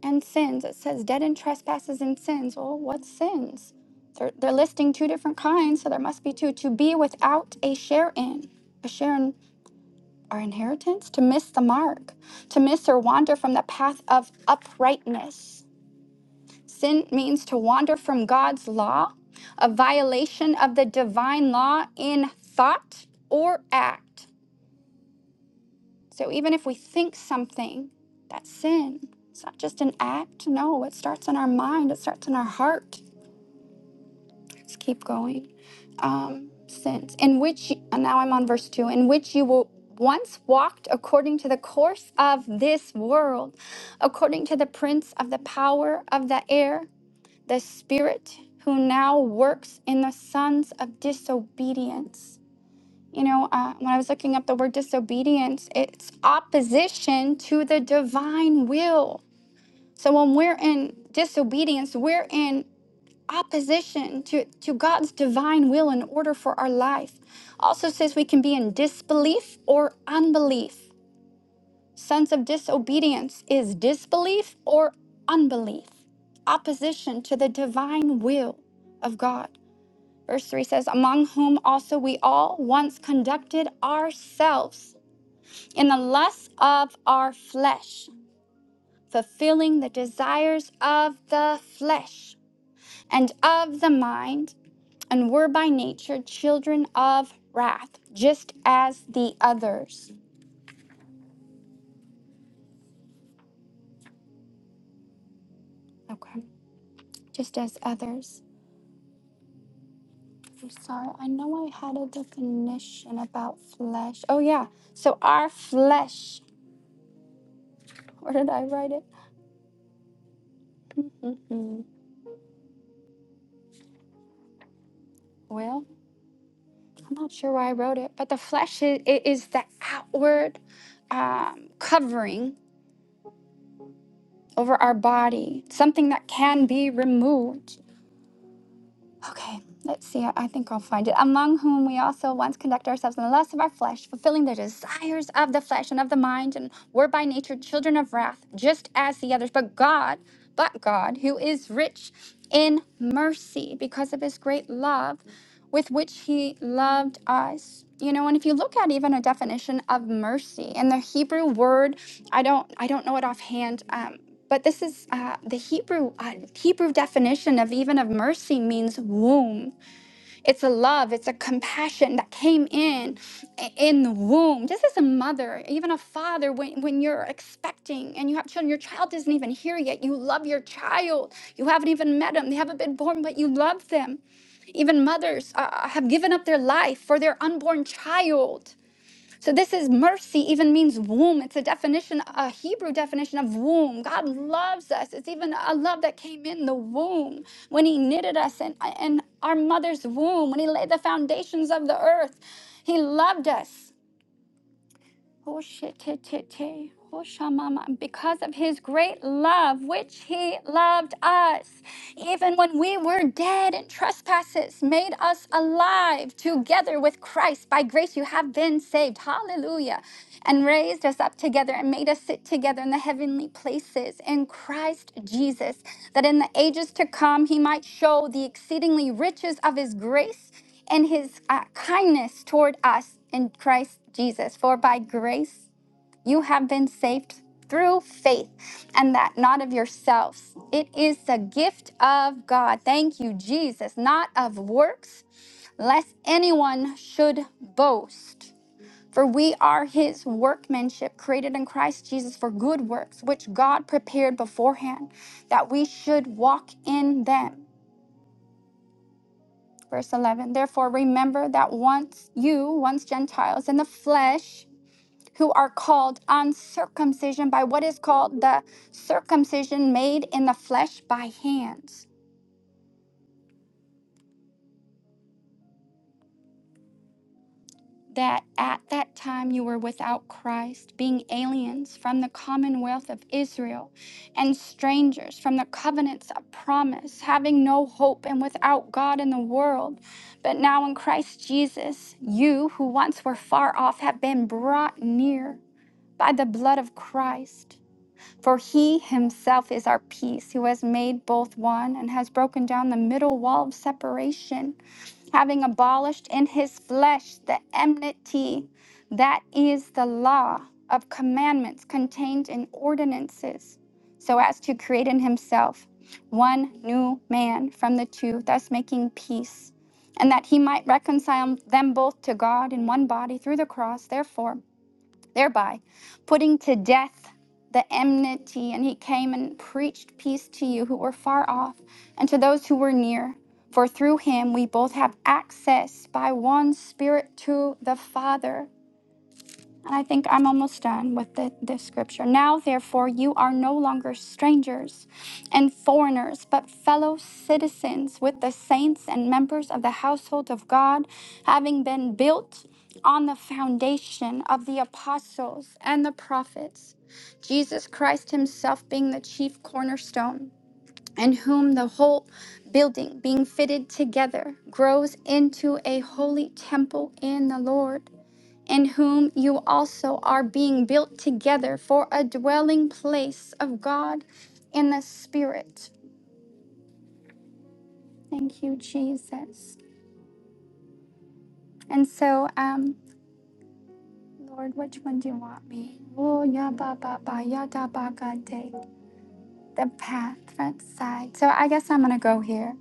Speaker 5: and sins. It says dead in trespasses and sins. Well, what sins? They're, they're listing two different kinds, so there must be two. To be without a share in, a share in our inheritance, to miss the mark, to miss or wander from the path of uprightness. Sin means to wander from God's law, a violation of the divine law in thought or act. So even if we think something, that's sin. It's not just an act. No, it starts in our mind. It starts in our heart. Let's keep going. Um, sins in which and now I'm on verse two. In which you will once walked according to the course of this world, according to the prince of the power of the air, the spirit who now works in the sons of disobedience you know, uh, when I was looking up the word disobedience, it's opposition to the divine will. So when we're in disobedience, we're in opposition to, to God's divine will in order for our life. Also says we can be in disbelief or unbelief. Sons of disobedience is disbelief or unbelief, opposition to the divine will of God. Verse 3 says, Among whom also we all once conducted ourselves in the lust of our flesh, fulfilling the desires of the flesh and of the mind, and were by nature children of wrath, just as the others. Okay, just as others. I'm sorry, I know I had a definition about flesh. Oh, yeah, so our flesh. Where did I write it? Mm-hmm. Well, I'm not sure why I wrote it, but the flesh is, it is the outward um, covering over our body, something that can be removed. Okay, let's see. I I think I'll find it. Among whom we also once conduct ourselves in the lust of our flesh, fulfilling the desires of the flesh and of the mind, and were by nature children of wrath, just as the others. But God, but God, who is rich in mercy because of his great love, with which he loved us. You know, and if you look at even a definition of mercy in the Hebrew word, I don't, I don't know it offhand, um, but this is uh, the Hebrew uh, Hebrew definition of even of mercy means womb. It's a love, it's a compassion that came in in the womb. Just as a mother, even a father, when, when you're expecting and you have children, your child isn't even here yet. You love your child. You haven't even met them, they haven't been born, but you love them. Even mothers uh, have given up their life for their unborn child so this is mercy even means womb. It's a definition, a Hebrew definition of womb. God loves us. It's even a love that came in the womb when he knitted us in, in our mother's womb, when he laid the foundations of the earth. He loved us. Hoshetete, hoshamama. Because of his great love, which he loved us, even when we were dead in trespasses, made us alive together with Christ. By grace you have been saved. Hallelujah. And raised us up together and made us sit together in the heavenly places in Christ Jesus, that in the ages to come he might show the exceedingly riches of his grace and his uh, kindness toward us in Christ Jesus. For by grace you have been saved through faith, and that not of yourselves. It is the gift of God. Thank you, Jesus, not of works, lest anyone should boast. For we are his workmanship, created in Christ Jesus for good works, which God prepared beforehand that we should walk in them. Verse 11 Therefore, remember that once you, once Gentiles in the flesh, who are called uncircumcision by what is called the circumcision made in the flesh by hands, that at that time you were without Christ, being aliens from the commonwealth of Israel and strangers from the covenants of promise, having no hope and without God in the world. But now in Christ Jesus, you who once were far off have been brought near by the blood of Christ. For he himself is our peace, who has made both one and has broken down the middle wall of separation, having abolished in his flesh the enmity that is the law of commandments contained in ordinances, so as to create in himself one new man from the two, thus making peace, and that he might reconcile them both to God in one body through the cross, therefore thereby putting to death the enmity. And he came and preached peace to you who were far off and to those who were near. For through him we both have access by one Spirit to the Father. I think I'm almost done with the, this scripture. Now, therefore, you are no longer strangers and foreigners, but fellow citizens with the saints and members of the household of God, having been built on the foundation of the apostles and the prophets, Jesus Christ Himself being the chief cornerstone, in whom the whole building being fitted together grows into a holy temple in the Lord in whom you also are being built together for a dwelling place of God in the Spirit. Thank you, Jesus. And so, um, Lord, which one do you want me? Oh, ya ba ba ba ya da ba ga de. The path, front side. So I guess I'm gonna go here.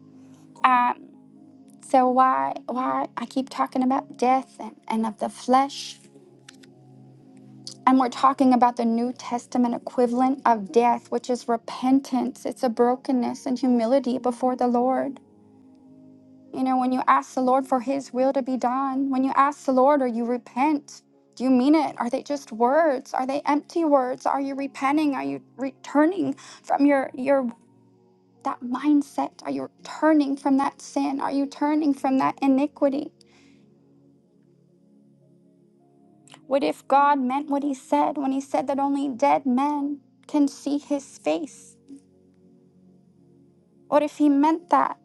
Speaker 5: Um, so why why I keep talking about death and, and of the flesh? And we're talking about the New Testament equivalent of death, which is repentance. It's a brokenness and humility before the Lord. You know, when you ask the Lord for His will to be done, when you ask the Lord or you repent, do you mean it? Are they just words? Are they empty words? Are you repenting? Are you returning from your your that mindset? Are you turning from that sin? Are you turning from that iniquity? What if God meant what He said when He said that only dead men can see His face? What if he meant that?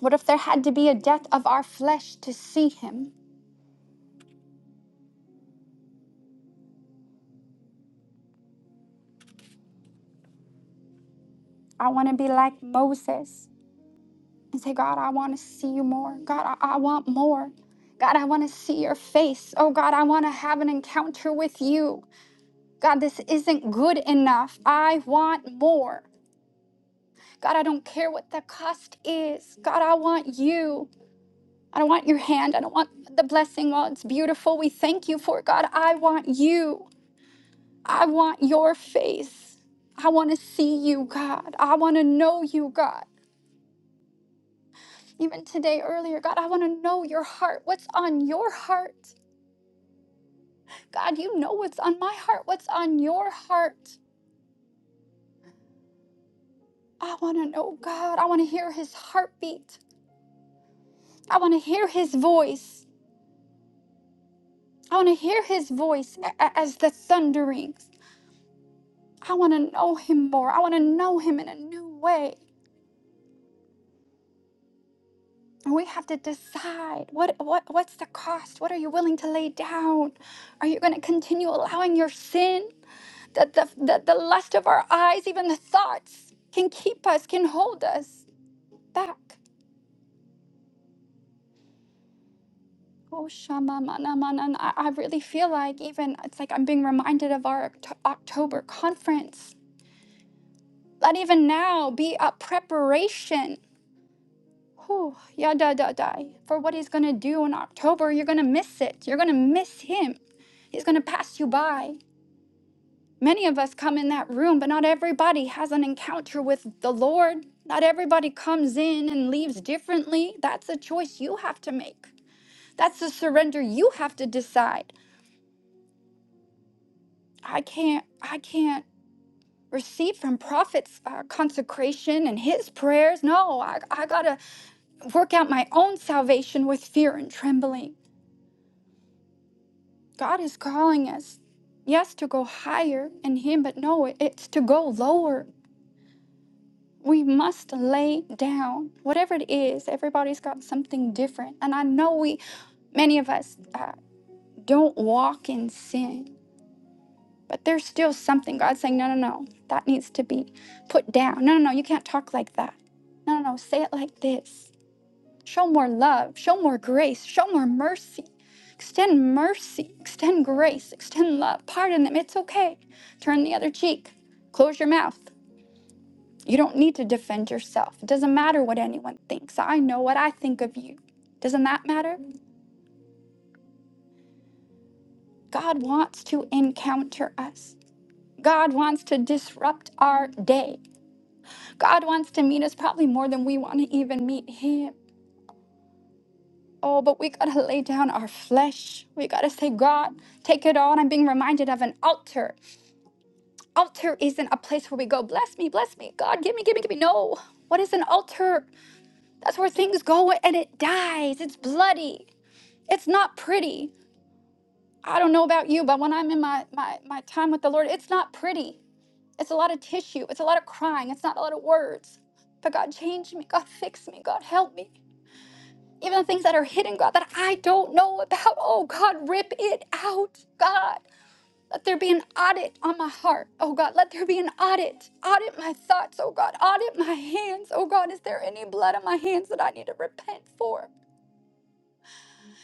Speaker 5: What if there had to be a death of our flesh to see him? I want to be like Moses and say, God, I want to see you more. God, I, I want more. God, I want to see your face. Oh, God, I want to have an encounter with you. God, this isn't good enough. I want more. God, I don't care what the cost is. God, I want you. I don't want your hand. I don't want the blessing. Well, it's beautiful, we thank you for it. God, I want you. I want your face. I want to see you, God. I want to know you, God. Even today, earlier, God, I want to know your heart. What's on your heart? God, you know what's on my heart. What's on your heart? I want to know, God. I want to hear his heartbeat. I want to hear his voice. I want to hear his voice a- a- as the thunderings. I want to know him more. I want to know him in a new way. And we have to decide what, what what's the cost? What are you willing to lay down? Are you going to continue allowing your sin, that the, the, the lust of our eyes, even the thoughts can keep us, can hold us back? Oh, Shama mana, mana, I, I really feel like even it's like I'm being reminded of our Oct- October conference. That even now be a preparation Oh, yada da die for what he's gonna do in October. You're gonna miss it. You're gonna miss him. He's gonna pass you by. Many of us come in that room, but not everybody has an encounter with the Lord. Not everybody comes in and leaves differently. That's a choice you have to make. That's a surrender you have to decide. I can't. I can't receive from prophets uh, consecration and his prayers. No, I, I gotta work out my own salvation with fear and trembling. God is calling us, yes, to go higher in Him, but no, it's to go lower. We must lay down, whatever it is. Everybody's got something different. And I know we, many of us, uh, don't walk in sin, but there's still something. God's saying, no, no, no, that needs to be put down. No, no, no, you can't talk like that. No, no, no, say it like this. Show more love, show more grace, show more mercy. Extend mercy, extend grace, extend love. Pardon them. It's okay. Turn the other cheek. Close your mouth. You don't need to defend yourself. It doesn't matter what anyone thinks. I know what I think of you. Doesn't that matter? God wants to encounter us. God wants to disrupt our day. God wants to meet us probably more than we want to even meet Him. Oh, but we gotta lay down our flesh. We gotta say, God, take it all. And I'm being reminded of an altar. Altar isn't a place where we go, bless me, bless me, God, give me, give me, give me. No. What is an altar? That's where things go and it dies. It's bloody. It's not pretty. I don't know about you, but when I'm in my, my, my time with the Lord, it's not pretty. It's a lot of tissue. It's a lot of crying. It's not a lot of words. But God, change me. God, fix me. God, help me. even the things that are hidden, God, that I don't know about. Oh, God, rip it out, God. Let there be an audit on my heart. Oh, God, let there be an audit. Audit my thoughts, oh, God. Audit my hands. Oh, God, is there any blood on my hands that I need to repent for?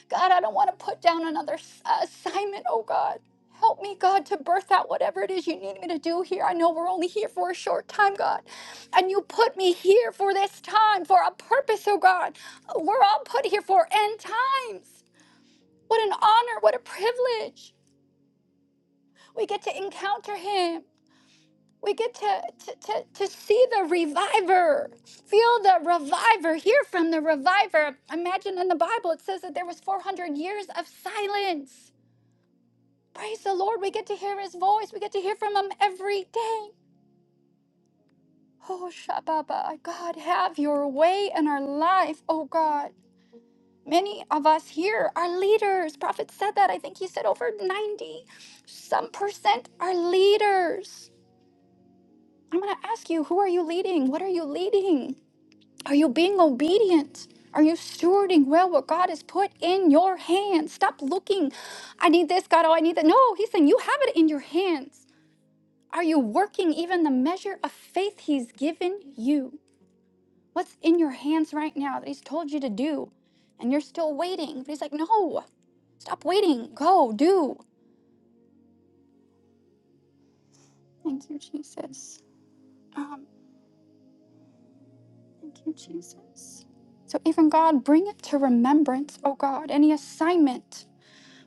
Speaker 5: God, I don't want to put down another s- assignment, oh, God. Help me, God, to birth out whatever it is you need me to do here. I know we're only here for a short time, God. And you put me here for this time, for a purpose, oh God. We're all put here for end times. What an honor, what a privilege. We get to encounter him. We get to, to, to, to see the reviver, feel the reviver, hear from the reviver. Imagine in the Bible, it says that there was 400 years of silence. Praise the Lord. We get to hear his voice. We get to hear from him every day. Oh, Shababa, God, have your way in our life, oh God. Many of us here are leaders. Prophet said that. I think he said over 90 some percent are leaders. I'm going to ask you who are you leading? What are you leading? Are you being obedient? Are you stewarding well what God has put in your hands? Stop looking. I need this, God. Oh, I need that. No, he's saying you have it in your hands. Are you working even the measure of faith he's given you? What's in your hands right now that he's told you to do? And you're still waiting. But he's like, no. Stop waiting. Go, do. Thank you, Jesus. Um, thank you, Jesus. So, even God, bring it to remembrance, oh God, any assignment.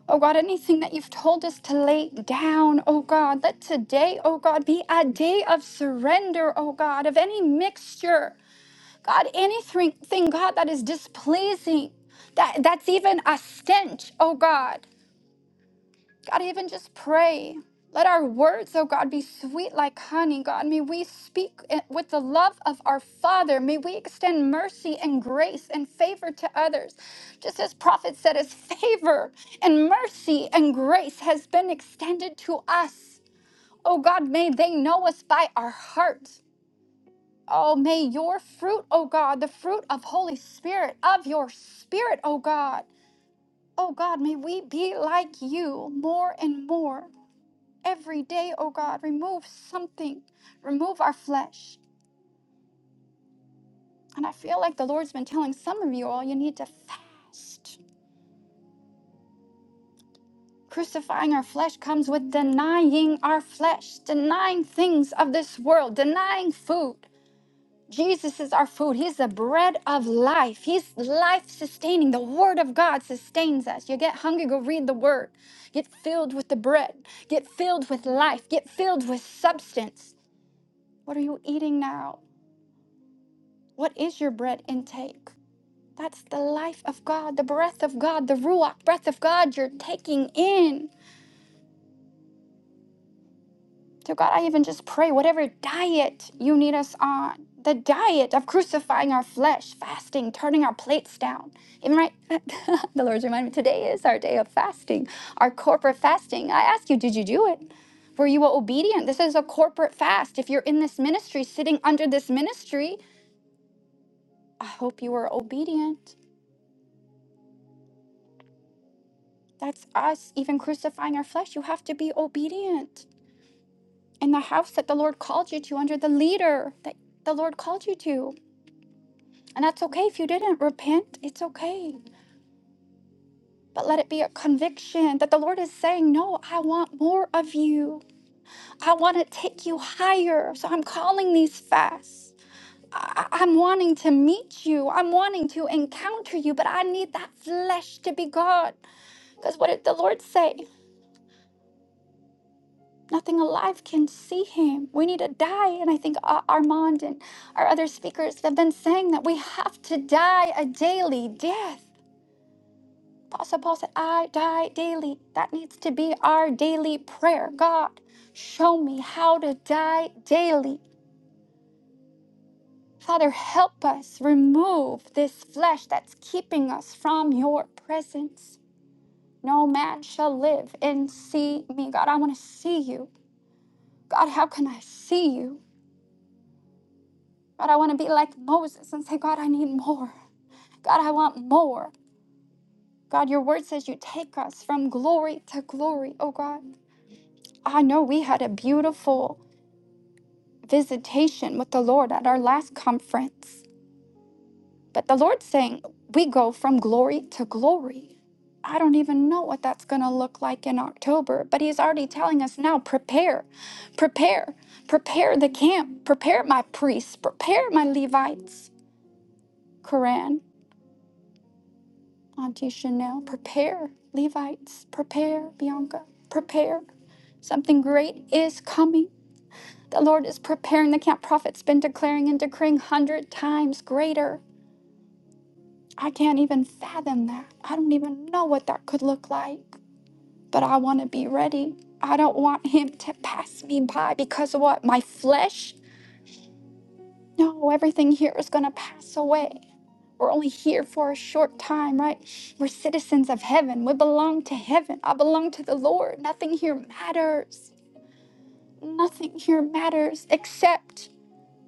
Speaker 5: Oh God, anything that you've told us to lay down, oh God, let today, oh God, be a day of surrender, oh God, of any mixture, God, anything, thing, God, that is displeasing, that that's even a stench, oh God. God, even just pray. Let our words, oh God, be sweet like honey, God. May we speak i- with the love of our Father. May we extend mercy and grace and favor to others. Just as prophet said, as favor and mercy and grace has been extended to us. Oh God, may they know us by our heart. Oh, may your fruit, oh God, the fruit of Holy Spirit, of your spirit, oh God. Oh God, may we be like you more and more every day, oh God, remove something, remove our flesh. And I feel like the Lord's been telling some of you all you need to fast. Crucifying our flesh comes with denying our flesh, denying things of this world, denying food. Jesus is our food. He's the bread of life. He's life sustaining. The Word of God sustains us. You get hungry, go read the Word. Get filled with the bread. Get filled with life. Get filled with substance. What are you eating now? What is your bread intake? That's the life of God, the breath of God, the Ruach breath of God you're taking in. To God, I even just pray whatever diet you need us on, the diet of crucifying our flesh, fasting, turning our plates down. Even right, the Lord's reminded me today is our day of fasting, our corporate fasting. I ask you, did you do it? Were you obedient? This is a corporate fast. If you're in this ministry, sitting under this ministry, I hope you were obedient. That's us even crucifying our flesh. You have to be obedient in the house that the Lord called you to, under the leader that the Lord called you to. And that's okay if you didn't repent, it's okay. But let it be a conviction that the Lord is saying, No, I want more of you. I want to take you higher. So I'm calling these fasts. I- I- I'm wanting to meet you. I'm wanting to encounter you, but I need that flesh to be gone. Because what did the Lord say? Nothing alive can see him. We need to die. And I think Ar- Armand and our other speakers have been saying that we have to die a daily death. Apostle Paul said, I die daily. That needs to be our daily prayer. God, show me how to die daily. Father, help us remove this flesh that's keeping us from your presence. No man shall live and see me. God, I want to see you. God, how can I see you? God, I want to be like Moses and say, God, I need more. God, I want more. God, your word says you take us from glory to glory, oh God. I know we had a beautiful visitation with the Lord at our last conference, but the Lord's saying we go from glory to glory. I don't even know what that's going to look like in October, but He's already telling us now prepare, prepare, prepare the camp, prepare my priests, prepare my Levites. Quran. Auntie Chanel, prepare, Levites, prepare, Bianca, prepare. Something great is coming. The Lord is preparing the camp. Prophet's been declaring and decreeing hundred times greater. I can't even fathom that. I don't even know what that could look like. But I want to be ready. I don't want him to pass me by because of what? My flesh? No, everything here is going to pass away. We're only here for a short time, right? We're citizens of heaven. We belong to heaven. I belong to the Lord. Nothing here matters. Nothing here matters except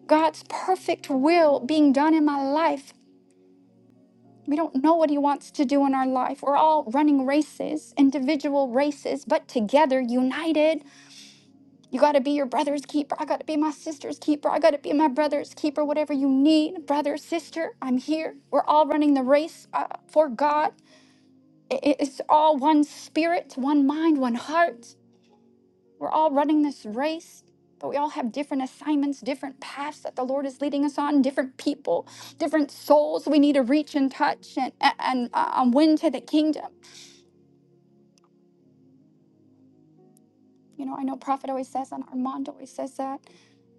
Speaker 5: God's perfect will being done in my life. We don't know what He wants to do in our life. We're all running races, individual races, but together, united. You got to be your brother's keeper. I got to be my sister's keeper. I got to be my brother's keeper. Whatever you need, brother, sister, I'm here. We're all running the race uh, for God. I- i- It's all one spirit, one mind, one heart. We're all running this race, but we all have different assignments, different paths that the Lord is leading us on, different people, different souls we need to reach and touch and, and, and uh, um, win to the kingdom. You know, I know Prophet always says that, Armand always says that.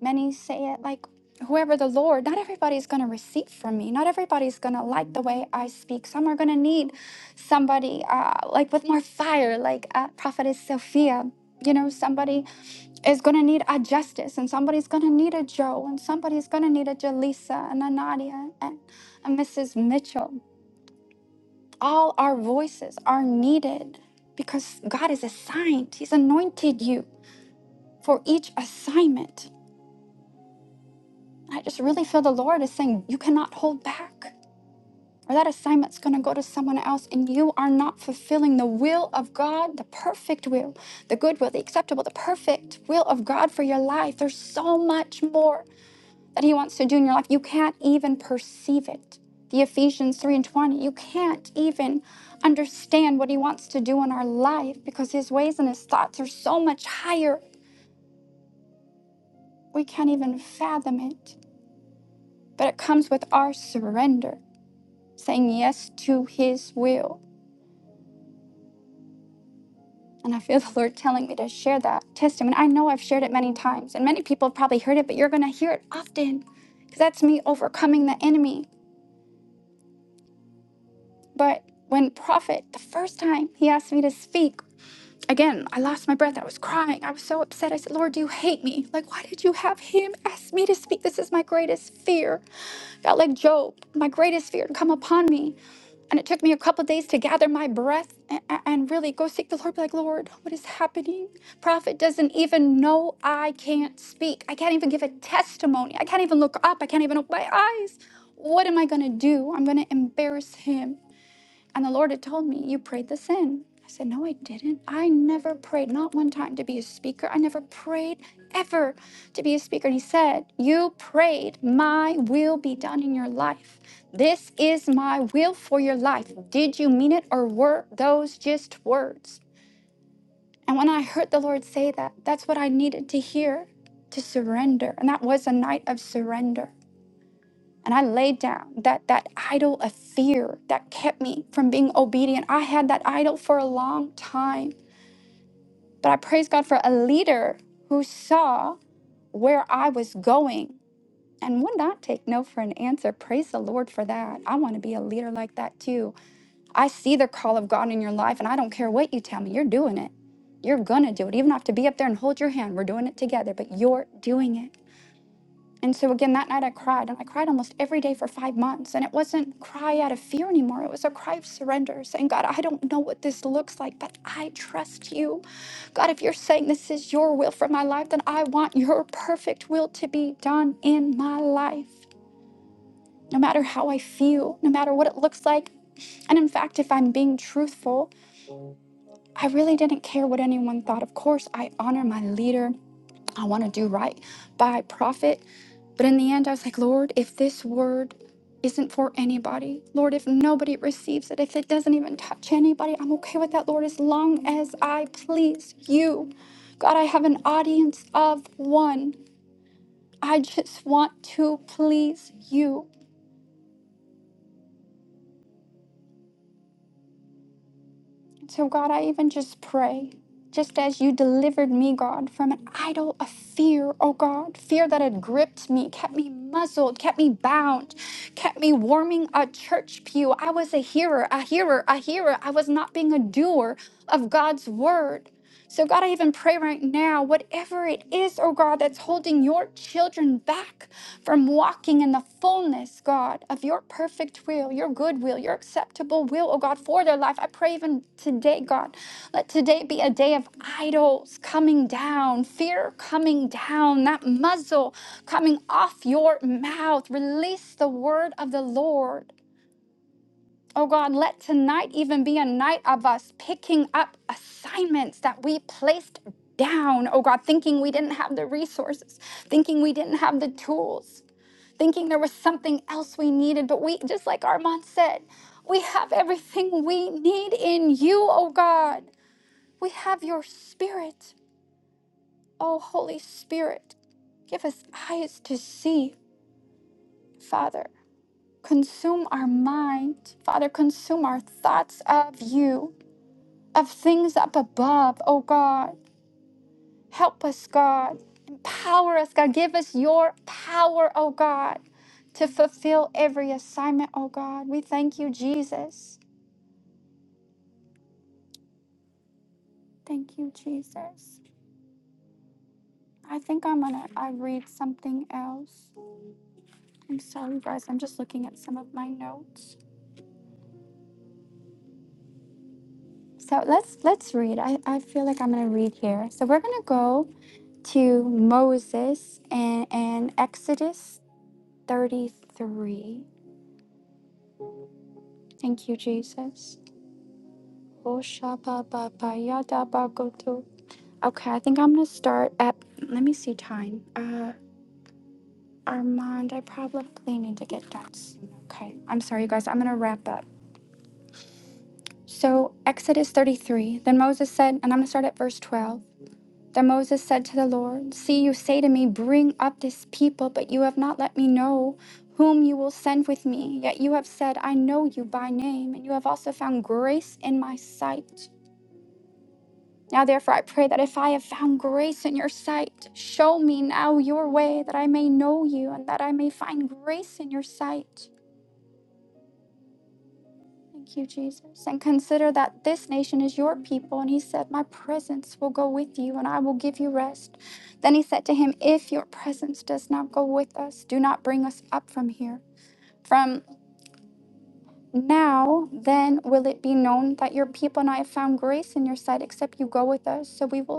Speaker 5: Many say it like, whoever the Lord, not everybody's going to receive from me. Not everybody's going to like the way I speak. Some are going to need somebody uh, like with more fire, like uh, Prophetess Sophia. You know, somebody is going to need a Justice, and somebody's going to need a Joe, and somebody's going to need a Jaleesa, and a Nadia, and a Mrs. Mitchell. All our voices are needed because God has assigned, He's anointed you for each assignment. I just really feel the Lord is saying, you cannot hold back, or that assignment's going to go to someone else, and you are not fulfilling the will of God, the perfect will, the good will, the acceptable, the perfect will of God for your life. There's so much more that He wants to do in your life. You can't even perceive it. The Ephesians 3 and 20, you can't even understand what He wants to do in our life because His ways and His thoughts are so much higher, we can't even fathom it. but it comes with our surrender, saying yes to His will. And I feel the Lord telling me to share that testimony. I know I've shared it many times, and many people have probably heard it, but you're going to hear it often because that's me overcoming the enemy. But when Prophet, the first time he asked me to speak, again, I lost my breath. I was crying. I was so upset. I said, Lord, do you hate me? Like, why did you have him ask me to speak? This is my greatest fear. God, let Job, my greatest fear, come upon me. And it took me a couple of days to gather my breath and, and really go seek the Lord. Be like, Lord, what is happening? Prophet doesn't even know I can't speak. I can't even give a testimony. I can't even look up. I can't even open my eyes. What am I going to do? I'm going to embarrass him. And the Lord had told me, You prayed this in. I said, No, I didn't. I never prayed, not one time, to be a speaker. I never prayed ever to be a speaker. And He said, You prayed, My will be done in your life. This is my will for your life. Did you mean it or were those just words? And when I heard the Lord say that, that's what I needed to hear to surrender. And that was a night of surrender. And I laid down that, that idol of fear that kept me from being obedient. I had that idol for a long time. But I praise God for a leader who saw where I was going and would not take no for an answer. Praise the Lord for that. I want to be a leader like that too. I see the call of God in your life, and I don't care what you tell me, you're doing it. You're going to do it. Even if I have to be up there and hold your hand, we're doing it together, but you're doing it. And so again, that night I cried, and I cried almost every day for five months. And it wasn't cry out of fear anymore. It was a cry of surrender, saying, God, I don't know what this looks like, but I trust you. God, if you're saying this is your will for my life, then I want your perfect will to be done in my life, no matter how I feel, no matter what it looks like. And in fact, if I'm being truthful, I really didn't care what anyone thought. Of course, I honor my leader. I want to do right by prophet. But in the end, I was like, Lord, if this word isn't for anybody, Lord, if nobody receives it, if it doesn't even touch anybody, I'm okay with that, Lord, as long as I please you. God, I have an audience of one. I just want to please you. So, God, I even just pray, just as you delivered me, God, from an idol of fear, oh God, fear that had gripped me, kept me muzzled, kept me bound, kept me warming a church pew. I was a hearer, a hearer, a hearer. I was not being a doer of God's word. So, God, I even pray right now, whatever it is, oh God, that's holding your children back from walking in the fullness, God, of your perfect will, your good will, your acceptable will, oh God, for their life. I pray even today, God, let today be a day of idols coming down, fear coming down, that muzzle coming off your mouth. Release the word of the Lord. Oh God, let tonight even be a night of us picking up assignments that we placed down. Oh God, thinking we didn't have the resources, thinking we didn't have the tools, thinking there was something else we needed. But we, just like Armand said, we have everything we need in you, oh God. We have your spirit. Oh Holy Spirit, give us eyes to see, Father. Consume our mind, Father, consume our thoughts of you. of things up above, oh God. Help us, God. Empower us, God. Give us your power, oh God, to fulfill every assignment, oh God. We thank you, Jesus. Thank you, Jesus. I think I'm gonna I read something else. I'm sorry, guys. I'm just looking at some of my notes. So let's let's read. I, I feel like I'm gonna read here. So we're gonna go to Moses and, and Exodus 33. Thank you, Jesus. Oshabababayadabagoto. Okay, I think I'm gonna start at. Let me see time. Uh, Armand, I probably need to get done soon. Okay, I'm sorry, you guys. I'm gonna wrap up. So Exodus 33. Then Moses said, and I'm gonna start at verse 12. Then Moses said to the Lord, See, you say to me, Bring up this people, but you have not let me know whom you will send with me. Yet you have said, I know you by name, and you have also found grace in my sight. Now, therefore, I pray that if I have found grace in your sight, show me now your way that I may know you and that I may find grace in your sight. Thank you, Jesus. And consider that this nation is your people. And he said, My presence will go with you and I will give you rest. Then he said to him, If your presence does not go with us, do not bring us up from here. From now, then will it be known that your people and I have found grace in your sight, except you go with us. So we will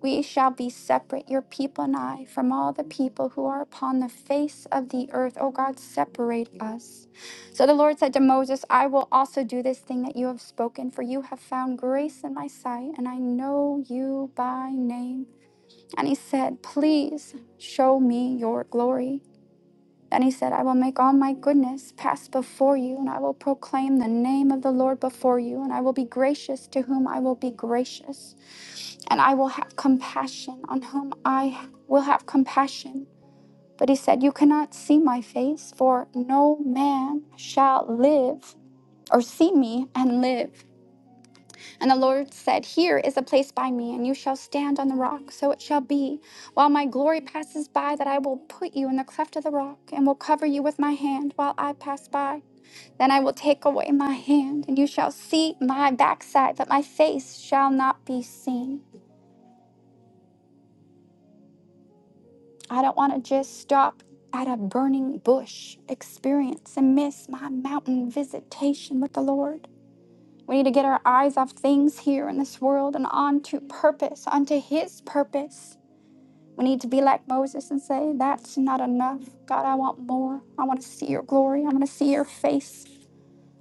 Speaker 5: We shall be separate, your people and I, from all the people who are upon the face of the earth. O God, separate us. So the Lord said to Moses, I will also do this thing that you have spoken, for you have found grace in my sight, and I know you by name. And he said, Please show me your glory. Then he said, I will make all my goodness pass before you, and I will proclaim the name of the Lord before you, and I will be gracious to whom I will be gracious and I will have compassion on whom I will have compassion. But he said, You cannot see my face, for no man shall live or see me and live. And the Lord said, Here is a place by me, and you shall stand on the rock. So it shall be, while my glory passes by, that I will put you in the cleft of the rock, and will cover you with my hand while I pass by. Then I will take away my hand, and you shall see my backside, but my face shall not be seen. I don't want to just stop at a burning bush experience and miss my mountain visitation with the Lord. We need to get our eyes off things here in this world and onto purpose, onto His purpose. We need to be like Moses and say, That's not enough. God, I want more. I want to see your glory. I want to see your face.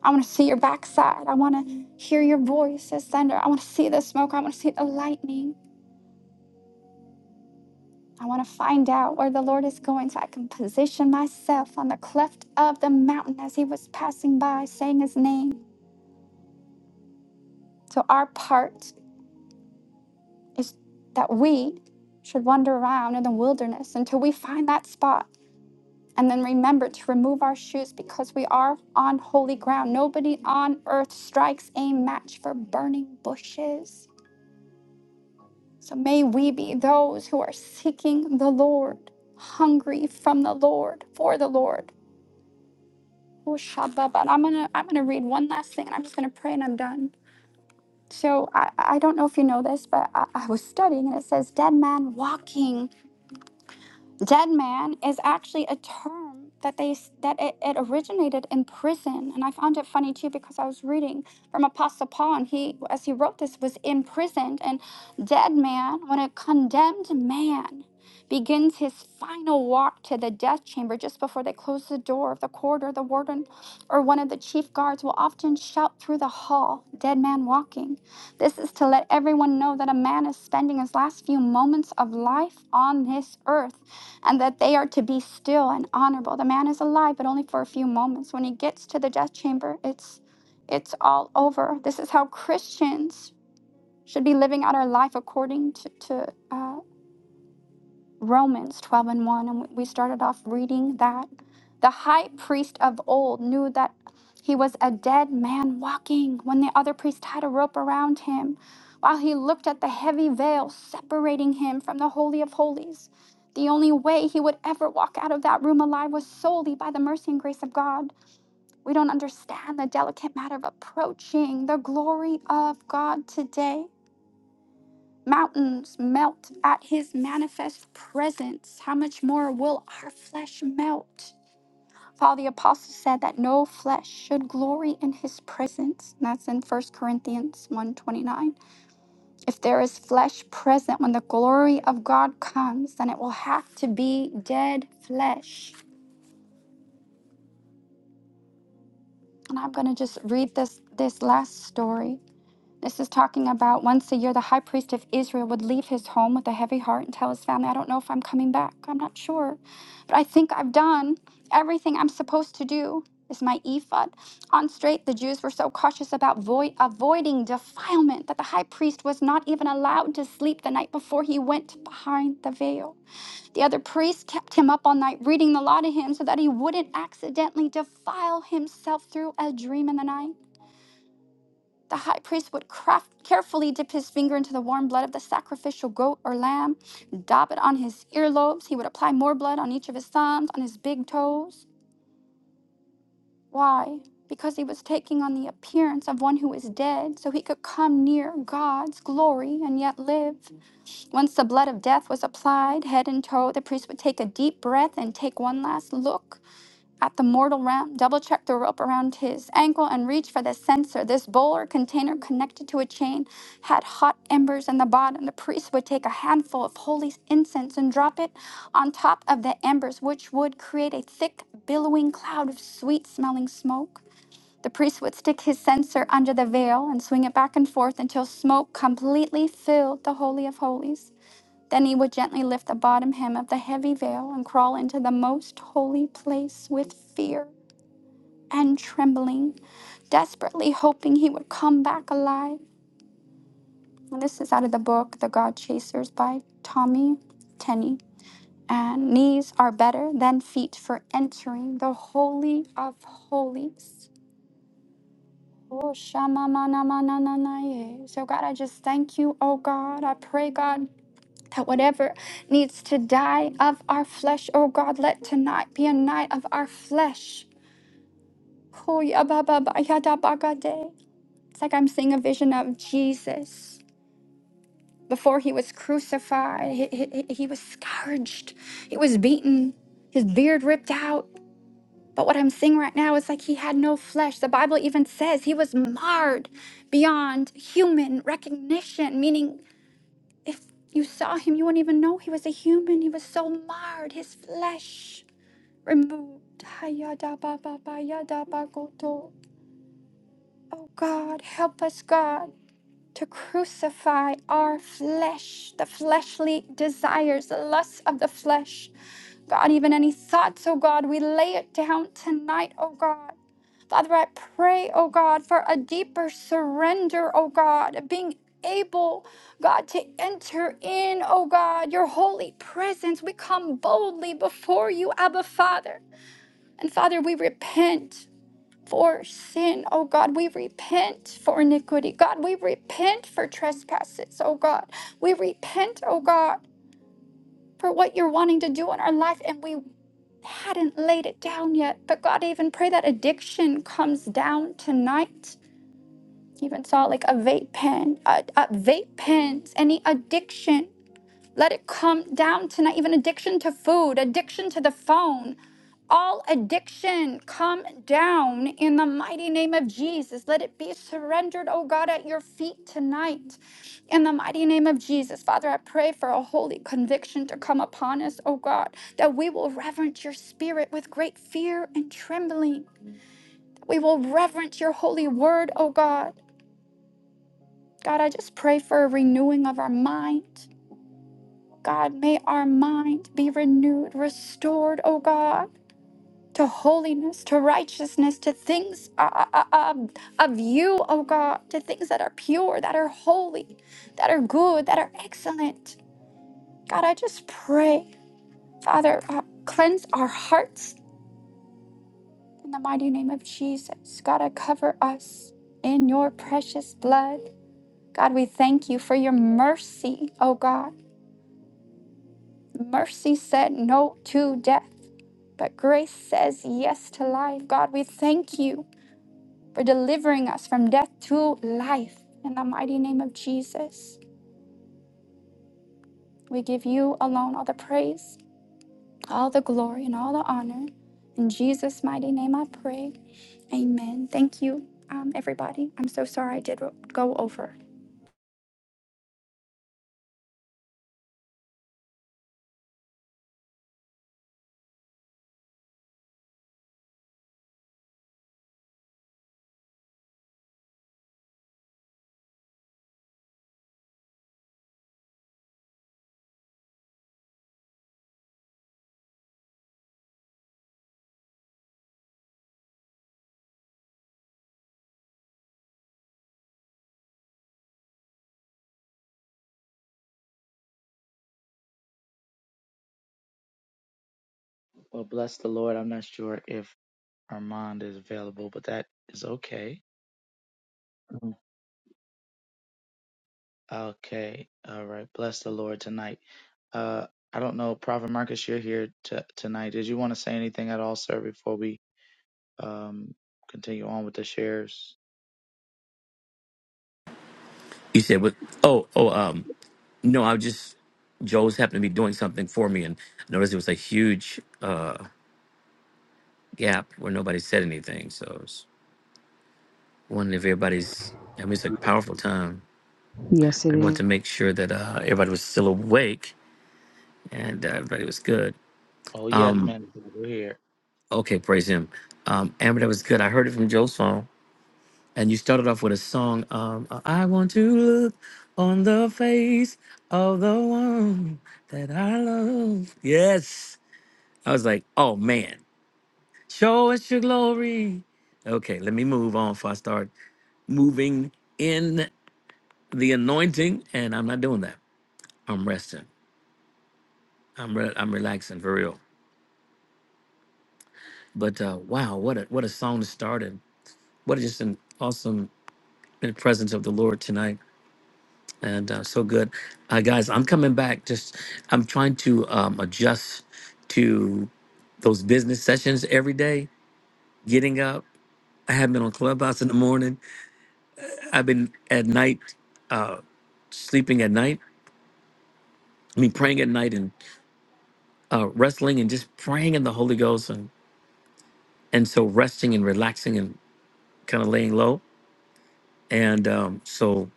Speaker 5: I want to see your backside. I want to hear your voice as thunder. I want to see the smoke. I want to see the lightning. I want to find out where the Lord is going so I can position myself on the cleft of the mountain as he was passing by, saying his name. So, our part is that we should wander around in the wilderness until we find that spot. And then remember to remove our shoes because we are on holy ground. Nobody on earth strikes a match for burning bushes. So, may we be those who are seeking the Lord, hungry from the Lord, for the Lord Oh, Shabbat. I'm gonna I'm gonna read one last thing and I'm just gonna pray and I'm done. So I, I don't know if you know this, but I, I was studying and it says dead man walking dead man is actually a term that they that it, it originated in prison and i found it funny too because i was reading from apostle paul and he as he wrote this was imprisoned and dead man when a condemned man begins his final walk to the death chamber just before they close the door of the corridor the warden or one of the chief guards will often shout through the hall dead man walking this is to let everyone know that a man is spending his last few moments of life on this earth and that they are to be still and honorable. The man is alive, but only for a few moments. When he gets to the death chamber, it's it's all over. This is how Christians should be living out our life according to, to uh, Romans 12 and 1, and we started off reading that. The high priest of old knew that he was a dead man walking when the other priest tied a rope around him, while he looked at the heavy veil separating him from the Holy of Holies. The only way he would ever walk out of that room alive was solely by the mercy and grace of God. We don't understand the delicate matter of approaching the glory of God today. Mountains melt at his manifest presence. How much more will our flesh melt? Paul the apostle said that no flesh should glory in his presence. And that's in First Corinthians one twenty-nine. If there is flesh present when the glory of God comes, then it will have to be dead flesh. And I'm going to just read this this last story This is talking about once a year, the high priest of Israel would leave his home with a heavy heart and tell his family, I don't know if I'm coming back. I'm not sure. But I think I've done everything I'm supposed to do. Is my ephod on straight? The Jews were so cautious about voi- avoiding defilement that the high priest was not even allowed to sleep the night before he went behind the veil. The other priests kept him up all night reading the law to him so that he wouldn't accidentally defile himself through a dream in the night. The high priest would craft, carefully dip his finger into the warm blood of the sacrificial goat or lamb, dab it on his earlobes. He would apply more blood on each of his thumbs, on his big toes. Why? Because he was taking on the appearance of one who is dead, so he could come near God's glory and yet live. Once the blood of death was applied, head and toe, the priest would take a deep breath and take one last look. At the mortal round, double check the rope around his ankle and reach for the censer. This bowl or container connected to a chain had hot embers in the bottom. The priest would take a handful of holy incense and drop it on top of the embers, which would create a thick, billowing cloud of sweet smelling smoke. The priest would stick his censer under the veil and swing it back and forth until smoke completely filled the Holy of Holies. Then he would gently lift the bottom hem of the heavy veil and crawl into the most holy place with fear and trembling, desperately hoping he would come back alive. And this is out of the book The God Chasers by Tommy Tenney. And knees are better than feet for entering the Holy of Holies. Oh, shama mana mana na na ye. So, God, I just thank you, oh God. I pray, God, that whatever needs to die of our flesh, oh God, let tonight be a night of our flesh. Oh, ya ba ba ba ya da ba ga de. It's like I'm seeing a vision of Jesus before he was crucified. He, he, he was scourged, he was beaten, his beard ripped out. But what I'm seeing right now is like he had no flesh. The Bible even says he was marred beyond human recognition, meaning if you saw him, you wouldn't even know he was a human. He was so marred, his flesh removed. Hayadabababayadabagoto. Oh God, help us, God. to crucify our flesh, the fleshly desires, the lusts of the flesh. God, even any thoughts, oh God, we lay it down tonight, oh God. Father, I pray, oh God, for a deeper surrender, oh God, of being able, God, to enter in, oh God, your holy presence. We come boldly before you, Abba Father. And Father, we repent for sin. Oh God, we repent for iniquity. God, we repent for trespasses. Oh God, we repent, oh God, for what you're wanting to do in our life and we hadn't laid it down yet. But God, I even pray that addiction comes down tonight. Even saw like a vape pen, uh, uh, vape pens, any addiction. Let it come down tonight, even addiction to food, addiction to the phone. All addiction come down in the mighty name of Jesus. Let it be surrendered, oh God, at your feet tonight. In the mighty name of Jesus, Father, I pray for a holy conviction to come upon us, oh God, that we will reverence your spirit with great fear and trembling. We will reverence your holy word, oh God. God, I just pray for a renewing of our mind. God, may our mind be renewed, restored, oh God, to holiness, to righteousness, to things uh, uh, uh, um, of you, oh God, to things that are pure, that are holy, that are good, that are excellent. God, I just pray, Father, uh, cleanse our hearts in the mighty name of Jesus. God, I cover us in your precious blood. God, we thank you for your mercy, oh God. Mercy said no to death, but grace says yes to life. God, we thank you for delivering us from death to life. In the mighty name of Jesus, we give you alone all the praise, all the glory, and all the honor. In Jesus' mighty name, I pray. Amen. Thank you, um, everybody. I'm so sorry I did go over.
Speaker 2: Well, bless the Lord. I'm not sure if Armand is available, but that is okay. Mhm. Okay. All right. Bless the Lord tonight. Uh, I don't know, Prophet Marcus, you're here t- tonight. Did you want to say anything at all, sir, before we um continue on with the shares?
Speaker 6: You said what? Oh, oh, um, no, I was just Joe's happened to be doing something for me, and I noticed it was a huge uh gap where nobody said anything. So I was wondering if everybody's. I mean, it's a powerful time.
Speaker 1: Yeah.
Speaker 6: I want to make sure that uh, everybody was still awake and uh, everybody was good.
Speaker 2: Oh yes, man, we're here.
Speaker 6: Okay, praise him. Um, Amber, that was good. I heard it from Joe's phone, and you started off with a song. Um, I want to look on the face of the one that I love. Yes. I was like, oh man, show us your glory. Okay, let me move on before I start moving in the anointing. And I'm not doing that. I'm resting. I'm re- I'm relaxing for real. But uh, wow, what a what a song to start and what a, just an awesome presence of the Lord tonight. And uh, so good, uh, guys. I'm coming back. Just I'm trying to um, adjust to those business sessions every day. Getting up. I haven't been on Clubhouse in the morning I've been at night uh, sleeping at night. I mean, praying at night and uh, wrestling and just praying in the Holy Ghost and and so resting and relaxing and kind of laying low. And um, so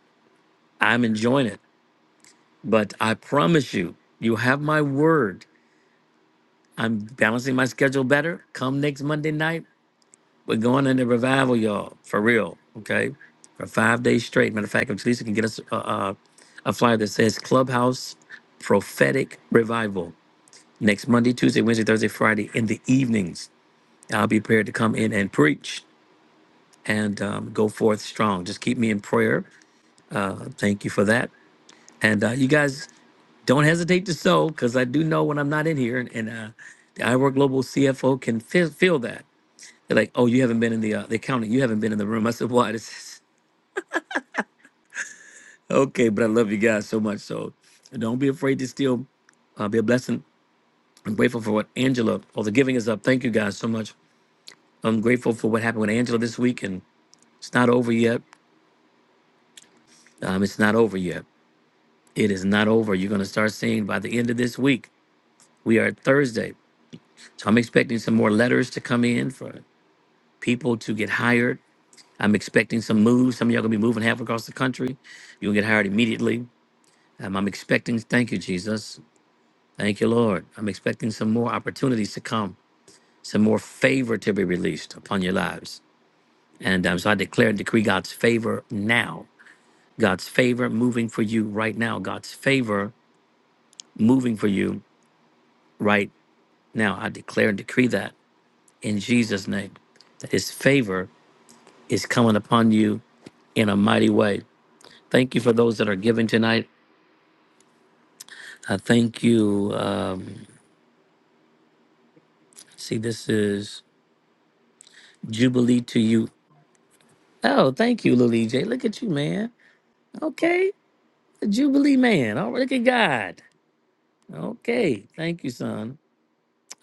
Speaker 6: I'm enjoying it. But I promise you, you have my word. I'm balancing my schedule better. Come next Monday night, we're going into revival, y'all, for real. Okay, for five days straight. Matter of fact, if Lisa can get us a, a, a flyer that says Clubhouse Prophetic Revival next Monday, Tuesday, Wednesday, Thursday, Friday in the evenings. I'll be prepared to come in and preach and um, go forth strong. Just keep me in prayer. Uh, thank you for that. And uh, you guys don't hesitate to sow because I do know when I'm not in here, and, and uh, the iWork Global CFO can feel, feel that. They're like, oh, you haven't been in the, uh, the accounting, you haven't been in the room. I said, why? This is okay, but I love you guys so much. So don't be afraid to still uh, be a blessing. I'm grateful for what Angela, oh, the giving is up. Thank you guys so much. I'm grateful for what happened with Angela this week and. It's not over yet. Um, it's not over yet. It is not over. You're going to start seeing by the end of this week. We are at Thursday. So I'm expecting some more letters to come in for people to get hired. I'm expecting some moves. Some of y'all going to be moving half across the country. You'll get hired immediately. Um, I'm expecting, thank you, Jesus. Thank you, Lord. I'm expecting some more opportunities to come, some more favor to be released upon your lives. And um, so I declare and decree God's favor now. God's favor moving for you right now. God's favor moving for you right now. I declare and decree that in Jesus' name, that His favor is coming upon you in a mighty way. Thank you for those that are giving tonight. I thank you. Um, see, this is Jubilee to you. Oh, thank you, Lily J. Look at you, man. Okay, the Jubilee man. Oh, look at God. Okay, thank you, son.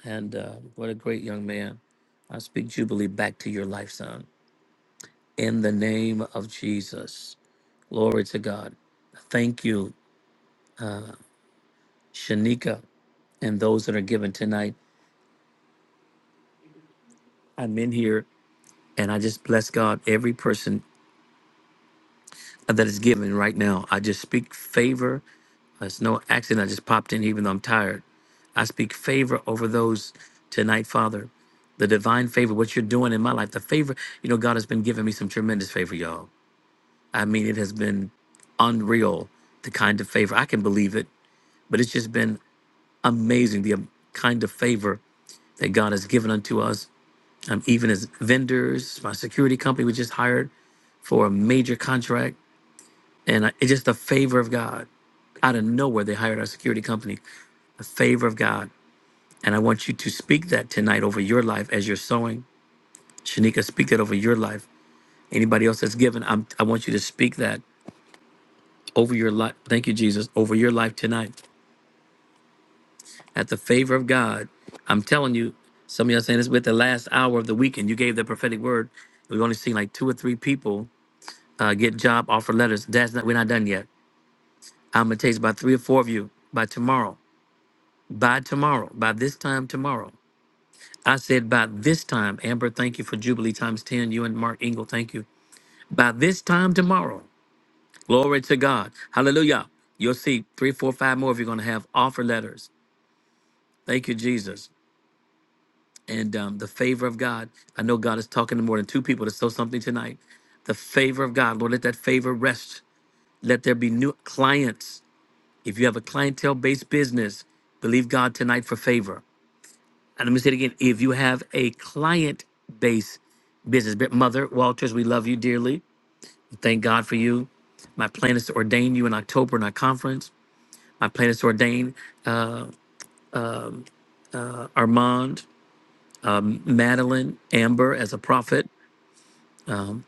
Speaker 6: And uh, what a great young man. I speak Jubilee back to your life, son. In the name of Jesus. Glory to God. Thank you, Shanika, and those that are given tonight. I'm in here and I just bless God, every person that is given right now. I just speak favor. It's no accident. I just popped in even though I'm tired. I speak favor over those tonight, Father. The divine favor, what you're doing in my life, the favor, you know, God has been giving me some tremendous favor, y'all. I mean, it has been unreal, the kind of favor. I can believe it, but it's just been amazing, the um, kind of favor that God has given unto us. Um, even as vendors, my security company was just hired for a major contract, and I, it's just the favor of God. Out of nowhere, they hired our security company. The favor of God, and I want you to speak that tonight over your life as you're sowing. Shanika, speak that over your life. Anybody else that's given, I'm, I want you to speak that over your life. Thank you, Jesus, over your life tonight. At the favor of God, I'm telling you, some of y'all saying this with the last hour of the weekend. You gave the prophetic word. We've only seen like two or three people uh, get job offer letters. That's not we're not done yet. I'm gonna text about three or four of you by tomorrow. By tomorrow. By this time tomorrow. I said by this time. Amber, thank you for Jubilee times ten. You and Mark Engel, thank you. By this time tomorrow. Glory to God. Hallelujah. You'll see three, four, five more of you are gonna have offer letters. Thank you, Jesus. And um, the favor of God. I know God is talking to more than two people to sow something tonight. The favor of God. Lord, let that favor rest. Let there be new clients If you have a clientele based business, believe God tonight for favor. And let me say it again if you have a client based business, but Mother Walters, we love you dearly. Thank God for you. My plan is to ordain you in October in our conference. My plan is to ordain Armand, Madeline, Amber as a prophet.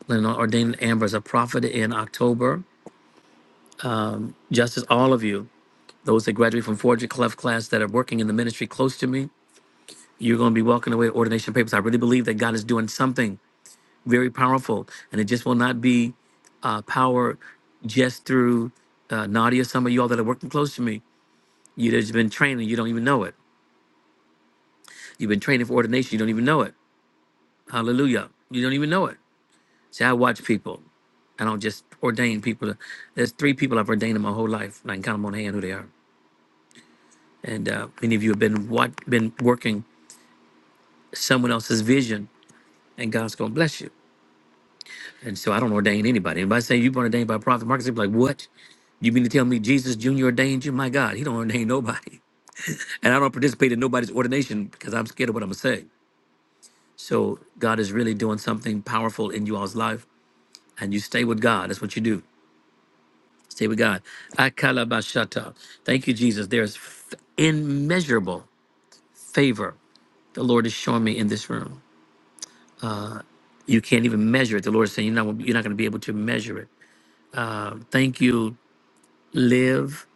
Speaker 6: Then I'll ordain Amber as a prophet in October. Just as all of you, those that graduate from Forger Clef class that are working in the ministry close to me, you're going to be walking away with ordination papers. I really believe that God is doing something very powerful. And it just will not be uh, power just through uh, Nadia. Some of you all that are working close to me, you there's been training. You don't even know it. You've been training for ordination. You don't even know it. Hallelujah. You don't even know it. See, I watch people. I don't just ordain people. There's three people I've ordained in my whole life, and I can count them on hand who they are. And uh, many of you have been what been working someone else's vision, and God's gonna bless you. And so I don't ordain anybody. Anybody say you've been ordained by a prophet, Marcus, they'd be like, "What? You mean to tell me Jesus Jr. ordained you? My God, he don't ordain nobody. And I don't participate in nobody's ordination because I'm scared of what I'm gonna say. So God is really doing something powerful in you all's life. And you stay with God. That's what you do. Stay with God. Akalabashata. Thank you, Jesus. There's f- immeasurable favor the Lord is showing me in this room. You can't even measure it. The Lord is saying you're not, you're not going to be able to measure it. Thank you, Live.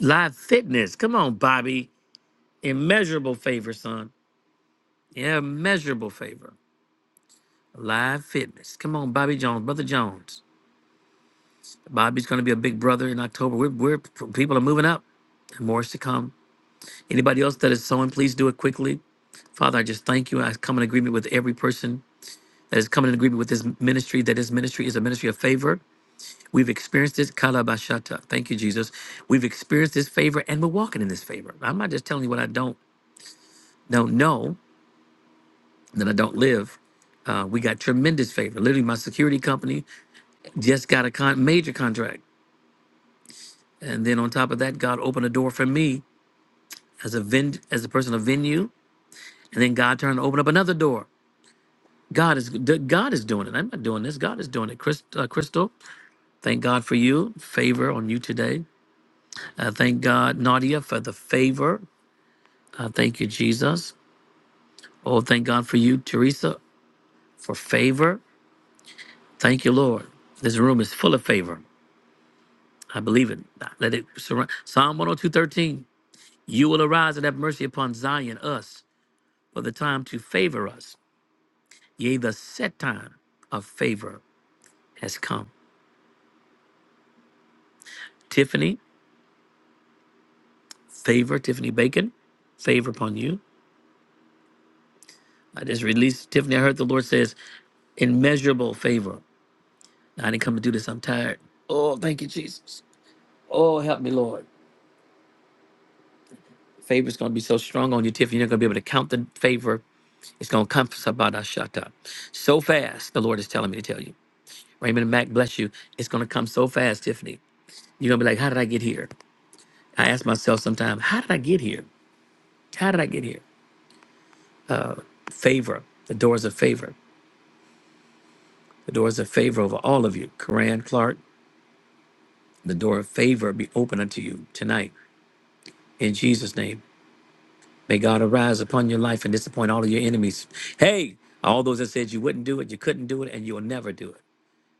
Speaker 6: Live Fitness. Come on, Bobby. Immeasurable favor, son. Immeasurable favor. Live fitness. Come on, Bobby Jones, Brother Jones. Bobby's going to be a big brother in October. We're, we're people are moving up, and more is to come. Anybody else that is sowing, please do it quickly. Father, I just thank you. I come in agreement with every person that is coming in agreement with this ministry. That this ministry is a ministry of favor. We've experienced this kalabashata. Thank you, Jesus. We've experienced this favor, and we're walking in this favor. I'm not just telling you what I don't don't know that I don't live. Uh, we got tremendous favor. Literally, my security company just got a con- major contract. And then on top of that, God opened a door for me as a ven- as a person of venue. And then God turned to open up another door. God is d- God is doing it. I'm not doing this. God is doing it. Chris, uh, Crystal, thank God for you favor on you today. Uh, thank God, Nadia, for the favor. Uh, thank you, Jesus. Oh, thank God for you, Teresa, for favor. Thank you, Lord. This room is full of favor. I believe it. Let it surround. Psalm 102:13. You will arise and have mercy upon Zion, us, for the time to favor us. Yea, the set time of favor has come. Tiffany, favor, Tiffany Bacon, favor upon you. I just released Tiffany. I heard the Lord says, immeasurable favor. I didn't come to do this. I'm tired. Oh, thank you, Jesus. Oh, help me, Lord. Favor's going to be so strong on you, Tiffany. You're not going to be able to count the favor. It's going to come Sabada Shata. So fast, the Lord is telling me to tell you. Raymond and Mac, bless you. It's going to come so fast, Tiffany. You're going to be like, how did I get here? I ask myself sometimes, how did I get here? How did I get here? favor. The doors of favor. The doors of favor over all of you. Karan Clark, the door of favor be open unto you tonight in Jesus' name. May God arise upon your life and disappoint all of your enemies. Hey, all those that said you wouldn't do it, you couldn't do it, and you'll never do it.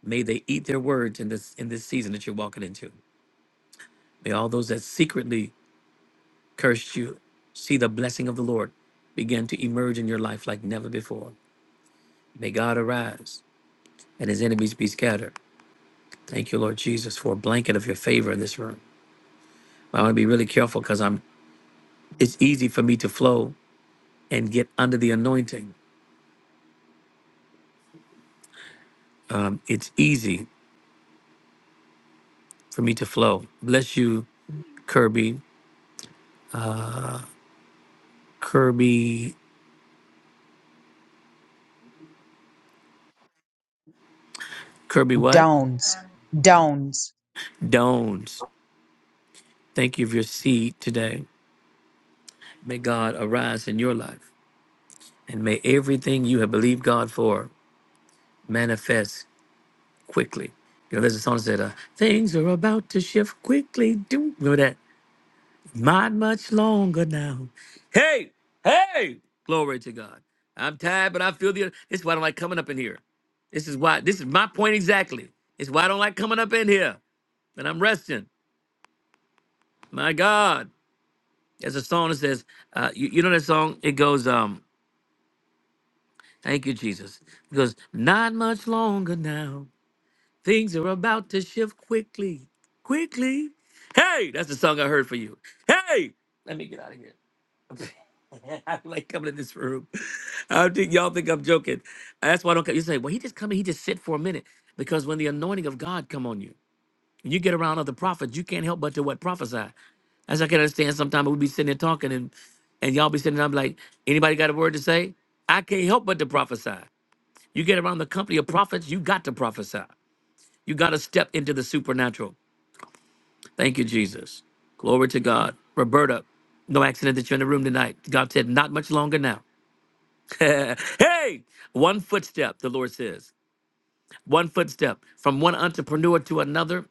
Speaker 6: May they eat their words in this in this season that you're walking into. May all those that secretly cursed you see the blessing of the Lord begin to emerge in your life like never before. May God arise and his enemies be scattered. Thank you, Lord Jesus, for a blanket of your favor in this room. I want to be really careful because I'm. It's easy for me to flow and get under the anointing. It's easy for me to flow. Bless you, Kirby. Kirby. Kirby. What?
Speaker 1: Dones. Dones.
Speaker 6: Dones. Thank you for your seed today. May God arise in your life, and may everything you have believed God for manifest quickly. You know, there's a song that said, uh, "Things are about to shift quickly." Do remember that? Not much longer now. Hey, hey, glory to God. I'm tired, but I feel the. This is why I don't like coming up in here. This is why. This is my point exactly. It's why I don't like coming up in here. And I'm resting. My God, there's a song that says, uh, you, you know that song? It goes, um, "Thank you, Jesus." It goes, "Not much longer now. Things are about to shift quickly, quickly." Hey, that's the song I heard for you. Hey, let me get out of here. I like coming in this room. I don't think y'all think I'm joking. That's why I don't come. You say, well, he just come in, he just sit for a minute. Because when the anointing of God come on you, and you get around other prophets, you can't help but to what prophesy. As I can understand, sometimes we'll be sitting there talking and and y'all be sitting there, I'm like, anybody got a word to say? I can't help but to prophesy. You get around the company of prophets, you got to prophesy. You got to step into the supernatural. Thank you, Jesus. Glory to God. Roberta, no accident that you're in the room tonight. God said, not much longer now. hey, one footstep, the Lord says. One footstep from one entrepreneur to another.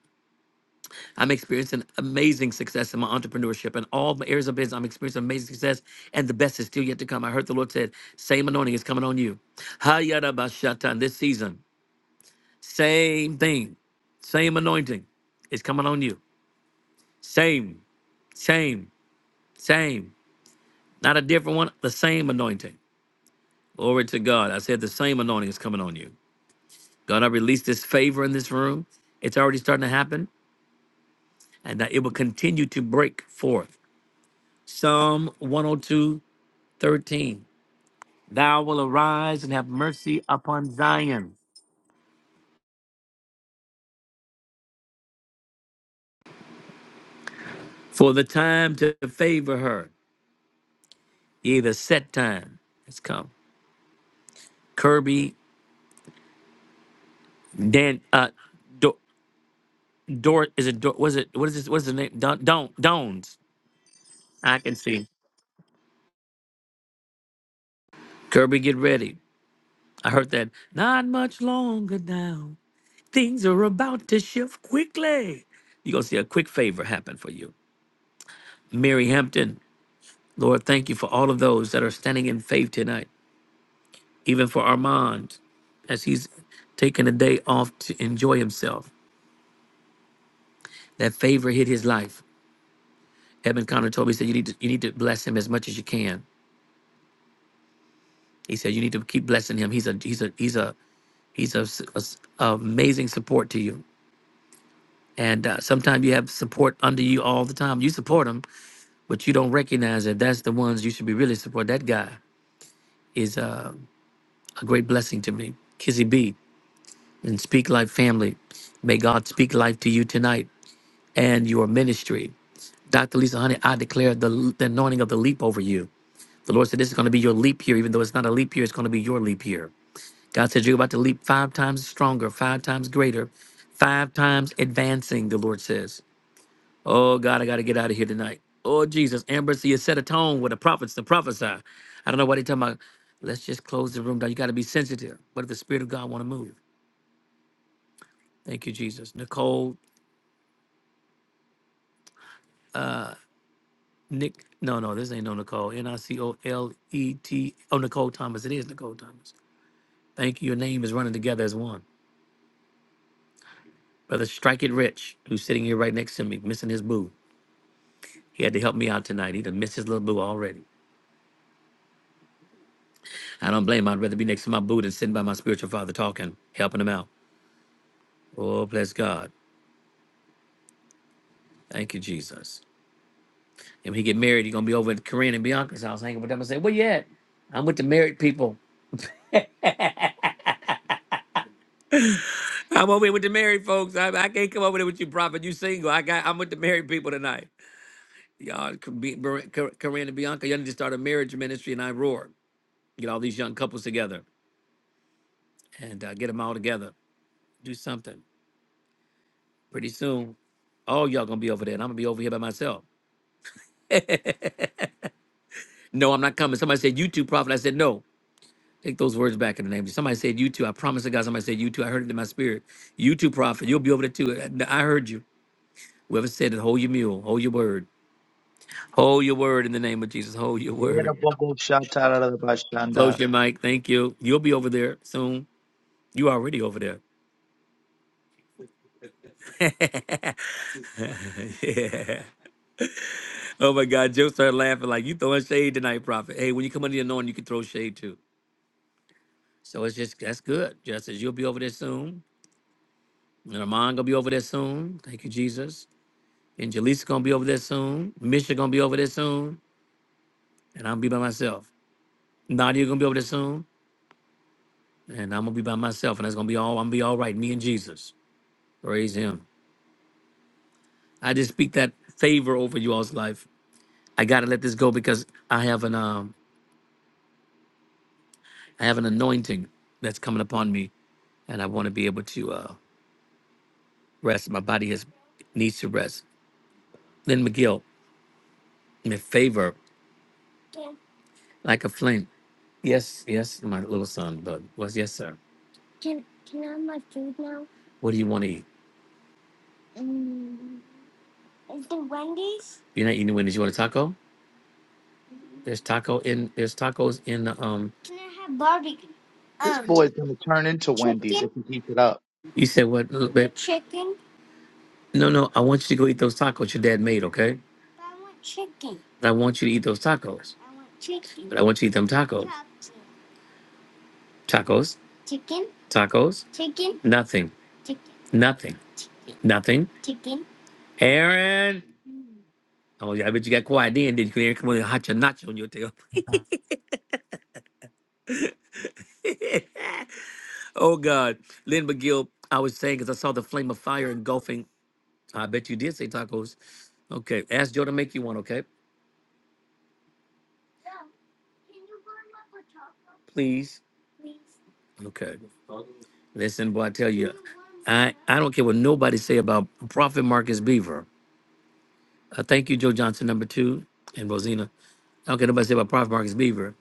Speaker 6: I'm experiencing amazing success in my entrepreneurship and all my areas of business. I'm experiencing amazing success, and the best is still yet to come. I heard the Lord said, "Same anointing is coming on you." Hayarabashatan this season, same thing, same anointing is coming on you. Same, same, same. Not a different one. The same anointing. Glory to God. I said the same anointing is coming on you. God, I release this favor in this room. It's already starting to happen, and that it will continue to break forth. Psalm 102:13, Thou will arise and have mercy upon Zion, for the time to favor her, yea, the set time has come. Kirby, Dan, uh, Dor, Dor is it, Dor, was it, what is this, what is the name? Don, Don, Dones. I can see. Kirby, get ready. I heard that. Not much longer now. Things are about to shift quickly. You're going to see a quick favor happen for you. Mary Hampton, Lord, thank you for all of those that are standing in faith tonight, even for Armand, as he's taking a day off to enjoy himself. That favor hit his life. Edmund Connor told me, he said, you need, to, you need to bless him as much as you can. He said, you need to keep blessing him. He's a, he's a, he's a, he's a, s- a s- amazing support to you. And uh, sometimes you have support under you all the time. You support him, but you don't recognize that that's the ones you should be really supporting. That guy is uh, a great blessing to me. Kizzy B and Speak Life Family. May God speak life to you tonight and your ministry. Dr. Lisa Honey, I declare the, the anointing of the leap over you. The Lord said this is going to be your leap year, even though it's not a leap year, it's going to be your leap year. God said you're about to leap five times stronger, five times greater, five times advancing, the Lord says. Oh God, I gotta get out of here tonight. Oh Jesus, Amber, see, you set a tone with the prophets to prophesy. I don't know why they talking about. Let's just close the room down. You gotta be sensitive. But if the Spirit of God want to move, thank you, Jesus. Nicole, Nick, no, no, this ain't no Nicole. N I C O L E T. Oh, Nicole Thomas. It is Nicole Thomas. Thank you. Your name is running together as one. Brother Strike It Rich, who's sitting here right next to me, missing his boo. He had to help me out tonight. He done missed his little boo already. I don't blame him. I'd rather be next to my boo than sitting by my spiritual father talking, helping him out. Oh, bless God. Thank you, Jesus. And when he get married, he gonna be over at Corinne and Bianca's house hanging with them and say, Where you at? I'm with the married people. I'm over here with the married folks. I, I can't come over there with you, prophet. You single. I got I'm with the married people tonight. Y'all Cor- Be- Ber- Cor- Corinne and Bianca, y'all need to start a marriage ministry and I roar. Get all these young couples together and uh, get them all together. Do something. Pretty soon, all y'all gonna be over there, and I'm gonna be over here by myself. No, I'm not coming. Somebody said, You too, prophet. I said, No. Take those words back in the name. of Jesus. Somebody said you too. I promise to God, somebody said you too. I heard it in my spirit. You too, prophet. You'll be over there too. I heard you. Whoever said it, hold your mule, hold your word. Hold your word in the name of Jesus. Hold your
Speaker 2: Yeah, the
Speaker 6: word.
Speaker 2: bubble shot out of the
Speaker 6: Close
Speaker 2: bashanda.
Speaker 6: your mic. Thank you. You'll be over there soon. You already over there. yeah. Oh my God. Joe started laughing like you throwing shade tonight, prophet. Hey, when you come under the anointing, you can throw shade too. So it's just that's good. Just as you'll be over there soon. And Armand gonna be over there soon. Thank you, Jesus. And Jaleesa gonna be over there soon. Misha gonna be over there soon. And I'm gonna be by myself. Nadia gonna be over there soon. And I'm gonna be by myself. And that's gonna be all I'm gonna be all right. Me and Jesus. Praise him. I just speak that favor over you all's life. I gotta let this go because I have an um I have an anointing that's coming upon me. And I wanna be able to uh rest. My body has needs to rest. Lynn McGill, in favor like a flame. Yes, yes, my little son, but was yes, sir. What do you want to eat? You're not eating Wendy's. You want a taco? There's taco in. There's tacos in the. Um,
Speaker 2: This boy is going to turn into Wendy's if he keeps it up.
Speaker 6: you said what? little bit? Chicken. No, no. I want you to go eat those tacos your dad made. Okay. I want you to eat those tacos. I want chicken. But I want you to eat them tacos. Tacos. Tacos. Nothing. Nothing. Nothing. Aaron. Oh yeah. I bet you got quiet then. Did you Aaron come on and hot your nacho on your tail? oh God. Lynn McGill. I was saying because I saw the flame of fire engulfing. I bet you did say tacos. Okay. Ask Joe to make you one. Okay. Please. Okay. Listen, boy, I tell you, I, I don't care what nobody say about Prophet Marcus Beaver. Uh, thank you, Joe Johnson, number two, and Rosina. I don't care nobody say about Prophet Marcus Beaver.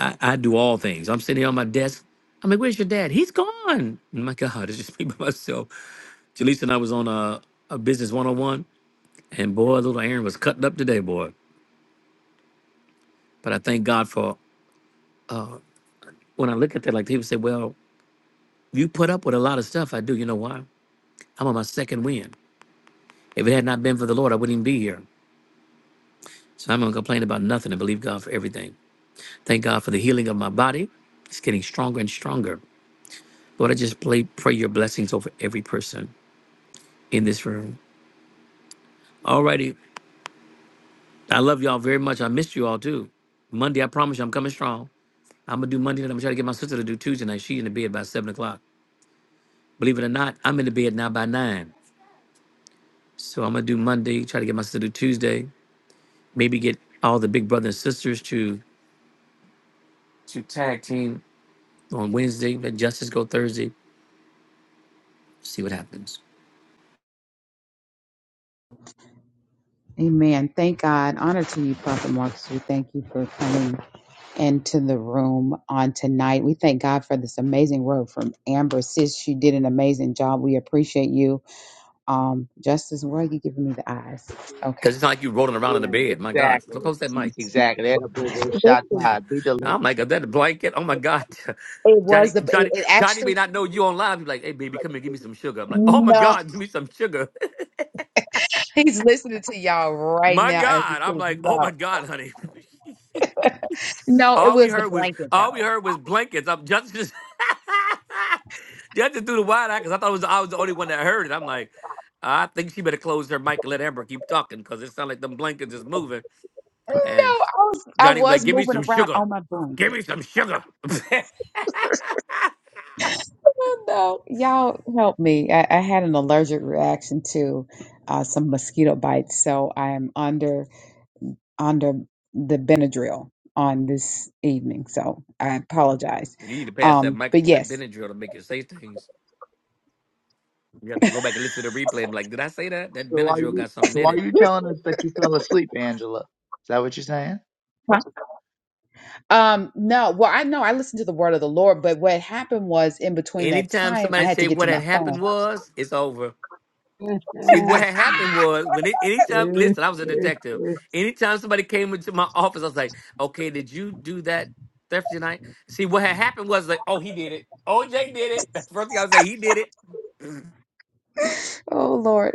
Speaker 6: I, I do all things. I'm sitting here on my desk. I'm like, where's your dad? He's gone. My God, it's just me by myself. Jaleesa and I was on a, a business 101, and boy, little Aaron was cutting up today, boy. But I thank God for when I look at that, like people say, well, you put up with a lot of stuff. I do. You know why? I'm on my second win. If it had not been for the Lord, I wouldn't even be here. So I'm going to complain about nothing and believe God for everything. Thank God for the healing of my body. It's getting stronger and stronger. Lord, I just play, pray your blessings over every person in this room. Alrighty. I love y'all very much. I missed you all too. Monday, I promise you, I'm coming strong. I'm going to do Monday night. I'm going to try to get my sister to do Tuesday night. She in the bed by 7 o'clock. Believe it or not, I'm in the bed now by 9. So I'm going to do Monday, try to get my sister to do Tuesday. Maybe get all the big brothers and sisters to, to tag team on Wednesday. Let justice go Thursday. See what happens.
Speaker 1: Amen. Thank God. Honor to you, Prophet Marcus. We thank you for coming into the room on tonight. We thank God for this amazing word from Amber. Sis, you did an amazing job. We appreciate you. Um, Justice, why are you giving me the eyes? Okay.
Speaker 6: Because it's not like you rolling around in the
Speaker 2: Yeah,
Speaker 6: bed. My God, look
Speaker 2: exactly.
Speaker 6: close that mic.
Speaker 2: Exactly. That a boo boo shot
Speaker 1: Listen,
Speaker 2: God. Be delivered.
Speaker 6: Oh my God, that blanket. Oh my God,
Speaker 1: it was
Speaker 6: Johnny,
Speaker 1: the,
Speaker 6: Johnny,
Speaker 1: it, it
Speaker 6: Johnny may
Speaker 1: actually,
Speaker 6: not know you on live. He's like, hey baby, come here, give me some sugar. I'm like, oh my
Speaker 1: no,
Speaker 6: God, give me some sugar.
Speaker 1: he's listening to y'all right
Speaker 6: my
Speaker 1: now as we
Speaker 6: God, I'm
Speaker 1: speak.
Speaker 6: like, oh my
Speaker 1: No,
Speaker 6: God, honey.
Speaker 1: no, it
Speaker 6: all we
Speaker 1: was the
Speaker 6: heard was
Speaker 1: blanket
Speaker 6: all we
Speaker 1: though.
Speaker 6: heard was blankets. I'm just just just through the wide eye because I thought it was I was the only one that heard it. I'm like, I think she better close her mic and let Amber keep talking because it sounds like them blankets is moving.
Speaker 1: No,
Speaker 6: And
Speaker 1: I was I
Speaker 6: Johnny would be like,
Speaker 1: was
Speaker 6: give me
Speaker 1: moving
Speaker 6: some
Speaker 1: around
Speaker 6: sugar.
Speaker 1: on my
Speaker 6: Give me
Speaker 1: blanket.
Speaker 6: some sugar. you
Speaker 1: Oh no, y'all help me! I, I had an allergic reaction to uh, some mosquito bites, so I am under under the Benadryl on this evening. So I apologize.
Speaker 6: need to pass that
Speaker 1: Um, but
Speaker 6: microphone, that
Speaker 1: yes.
Speaker 6: Benadryl to make you say things. You have to go back and listen to the replay and be like, did I say that? That
Speaker 2: So are
Speaker 6: Benadryl
Speaker 2: you
Speaker 6: got something
Speaker 2: so
Speaker 6: in
Speaker 2: are
Speaker 6: it.
Speaker 2: you telling us that you fell asleep, Angela? Is that what you're saying?
Speaker 1: Um, no, well, I know I listened to the word of the Lord, but what happened was in between that
Speaker 6: Anytime
Speaker 1: time, I
Speaker 6: somebody
Speaker 1: had to
Speaker 6: say
Speaker 1: get
Speaker 6: what
Speaker 1: to my
Speaker 6: had
Speaker 1: phone.
Speaker 6: happened was, it's over. See, what had happened was when it, anytime, listen, I was a detective. Anytime somebody came into my office, I was like, okay, did you do that theft tonight?" See, what had happened was like, oh, he did it. OJ did it. That's the first thing I was like, he did it.
Speaker 1: Oh Lord.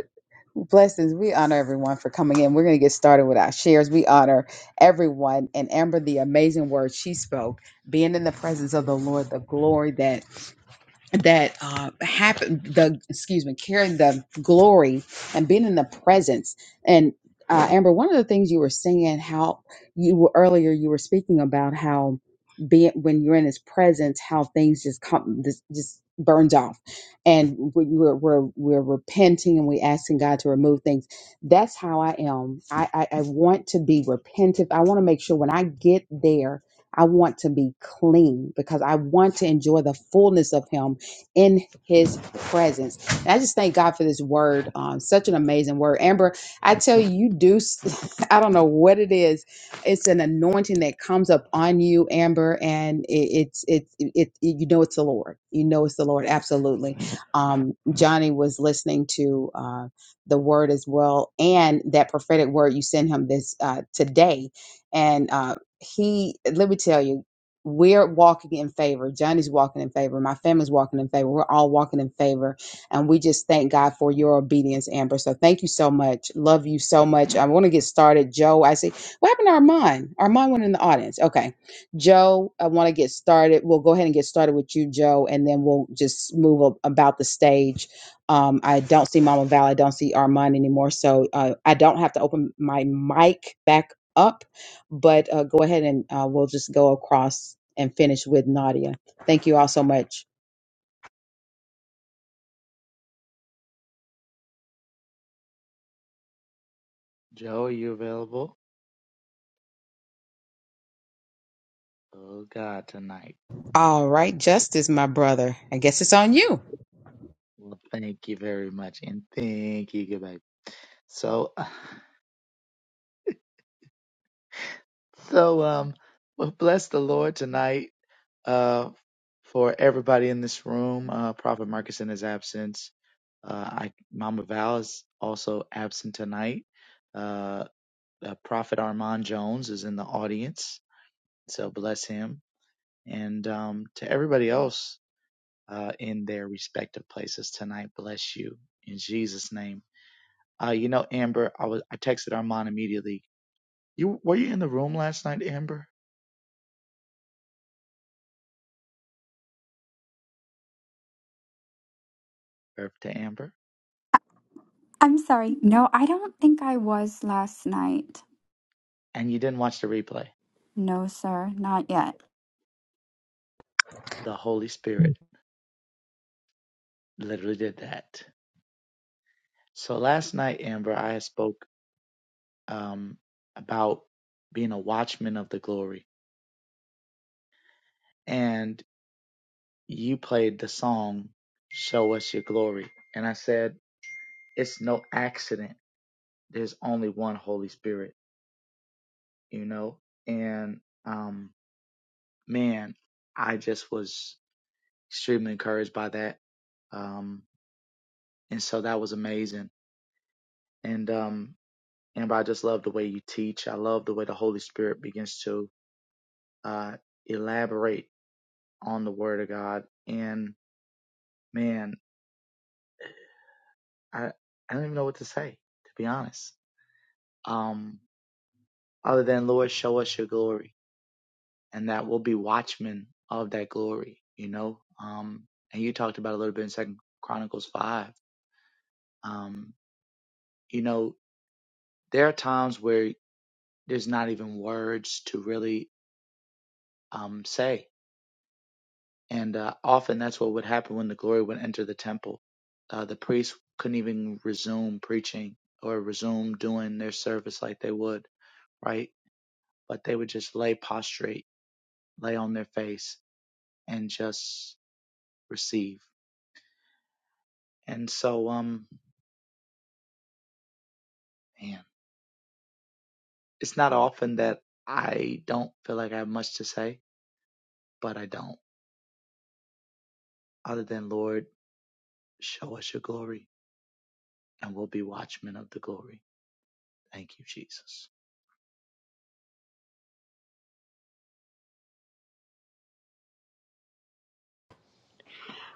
Speaker 1: Blessings. We honor everyone for coming in. We're going to get started with our shares. We honor everyone and Amber, the amazing words she spoke, being in the presence of the Lord, the glory that that uh, happen the excuse me carrying the glory and being in the presence and uh, amber one of the things you were saying how you were earlier you were speaking about how being when you're in his presence how things just come this just burns off and we- we're, we're we're repenting and we asking god to remove things that's how i am i i, I want to be repentant i want to make sure when i get there I want to be clean because I want to enjoy the fullness of Him in his presence. And I just thank God for this word. Um, such an amazing word. Amber, I tell you, you do, s- I don't know what it is. It's an anointing that comes up on you, Amber, and it, it's, it's, it, it, you know, it's the Lord. You know, it's the Lord. Absolutely. Um, Johnny was listening to, uh, the word as well. And that prophetic word you sent him this, uh, today. And, uh, he, let me tell you, we're walking in favor. Johnny's walking in favor. My family's walking in favor. We're all walking in favor. And we just thank God for your obedience, Amber. So thank you so much. Love you so much. I want to get started. Joe, I see. What happened to Armand? Armand went in the audience. Okay. Joe, I want to get started. We'll go ahead and get started with you, Joe, and then we'll just move up about the stage. Um, I don't see Mama Val. I don't see Armand anymore. So uh, I don't have to open my mic back up but uh, go ahead and uh, we'll just go across and finish with Nadia. Thank you all so much.
Speaker 2: Joe, you available? Oh God, tonight.
Speaker 1: All right, Justice, my brother. I guess it's on you.
Speaker 2: Well, thank you very much, and thank you, good baby. So, so um, well, bless the Lord tonight. uh, for everybody in this room. Uh, Prophet Marcus in his absence. Uh, I, Mama Val is also absent tonight. Uh, uh, Prophet Armand Jones is in the audience, so bless him. And um, to everybody else uh, in their respective places tonight, bless you in Jesus' name. Uh, you know, Amber, I was I texted Armand immediately. You were you in the room last night, Amber? Or to Amber,
Speaker 5: I'm sorry. No, I don't think I was last night.
Speaker 2: and you didn't watch the replay.
Speaker 5: No, sir, not yet.
Speaker 2: The Holy Spirit. literally did that. So last night, Amber, I spoke um, about being a watchman of the glory, and you played the song "Show Us Your Glory," and I said it's no accident. There's only one Holy Spirit, you know. And um, man, I just was extremely encouraged by that, um, and so that was amazing. And um, Amber, I just love the way you teach. I love the way the Holy Spirit begins to uh, elaborate on the Word of God. And man, I I don't even know what to say to be honest. Um, other than Lord, show us your glory, and that we'll be watchmen of that glory. You know. Um, and you talked about a little bit in Second Chronicles five. Um, you know, there are times where there's not even words to really um say And uh, often that's what would happen when the glory would enter the temple. Uh, the priests couldn't even resume preaching or resume doing their service like they would, right? But they would just lay prostrate, lay on their face, and just receive. And so, um, man, it's not often that I don't feel like I have much to say, but I don't. Other than, Lord, show us your glory, and we'll be watchmen of the glory. Thank you, Jesus.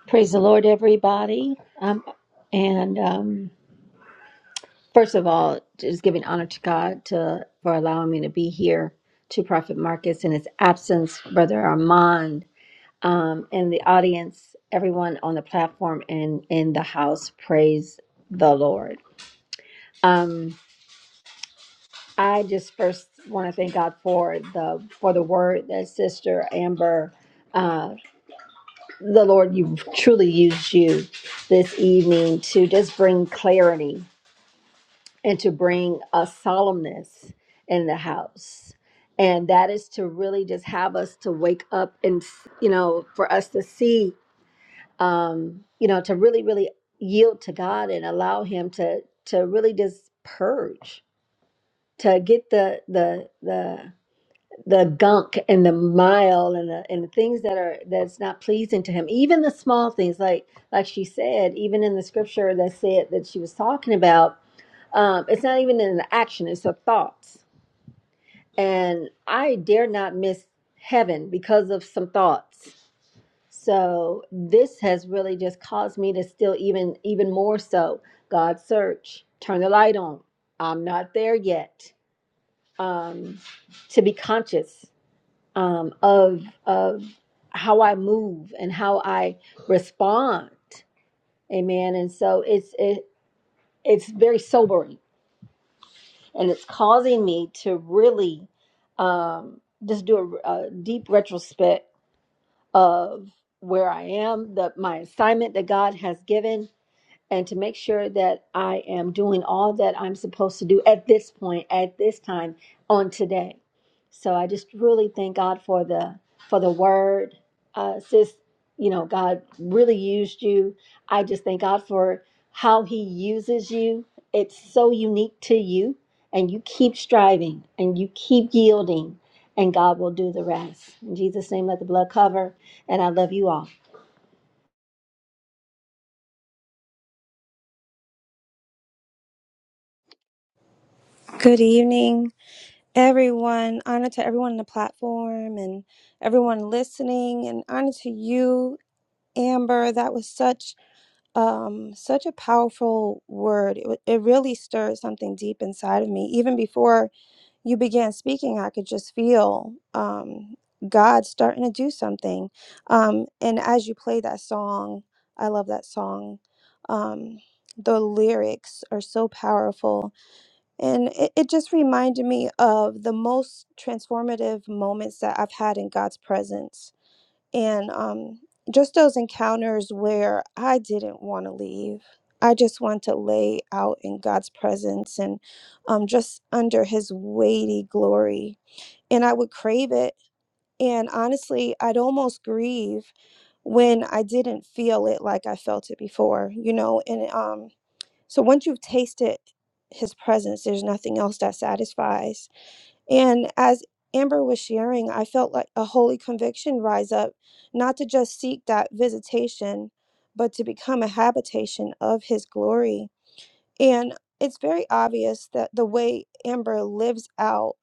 Speaker 7: Praise the Lord, everybody. Um, and um, first of all, just giving honor to God to, for allowing me to be here to Prophet Marcus in his absence, Brother Armand, um, and the audience, everyone on the platform and in the house. Praise the Lord. Um, I just first want to thank God for the for the word that Sister Amber, uh, the Lord, you truly used you this evening to just bring clarity and to bring a solemnness in the house. And that is to really just have us to wake up and, you know, for us to see, um, you know, to really, really yield to God and allow Him to, to really just purge, to get the, the, the, the gunk and the mile and the, and the things that are that's not pleasing to him even the small things like like she said even in the scripture that said that she was talking about um, it's not even an action, it's a thoughts. And I dare not miss heaven because of some thoughts. So this has really just caused me to still even even more so. God search, turn the light on. I'm not there yet. Um, to be conscious um, of of how I move and how I respond. Amen. And so it's it, it's very sobering and it's causing me to really um, just do a, a deep retrospect of where I am, the my assignment that God has given, and to make sure that I am doing all that I'm supposed to do at this point, at this time, on today. So I just really thank God for the for the word, uh, sis. You know, God really used you. I just thank God for how He uses you. It's so unique to you, and you keep striving and you keep yielding, and God will do the rest. In Jesus' name, let the blood cover. And I love you all.
Speaker 8: Good evening, everyone. Honor to everyone on the platform and everyone listening, and honor to you, Amber. That was such um such a powerful word. It, wa- it really stirred something deep inside of me. Even before you began speaking, I could just feel um God starting to do something. Um, and as you play that song, I love that song. Um, the lyrics are so powerful and it, it just reminded me of the most transformative moments that I've had in God's presence. And um, just those encounters where I didn't want to leave. I just want to lay out in God's presence and um, just under his weighty glory. And I would crave it. And honestly, I'd almost grieve when I didn't feel it like I felt it before, you know, and um, so once you've tasted his presence, there's nothing else that satisfies. And as Amber was sharing, I felt like a holy conviction rise up, not to just seek that visitation, but to become a habitation of his glory and it's very obvious that the way Amber lives out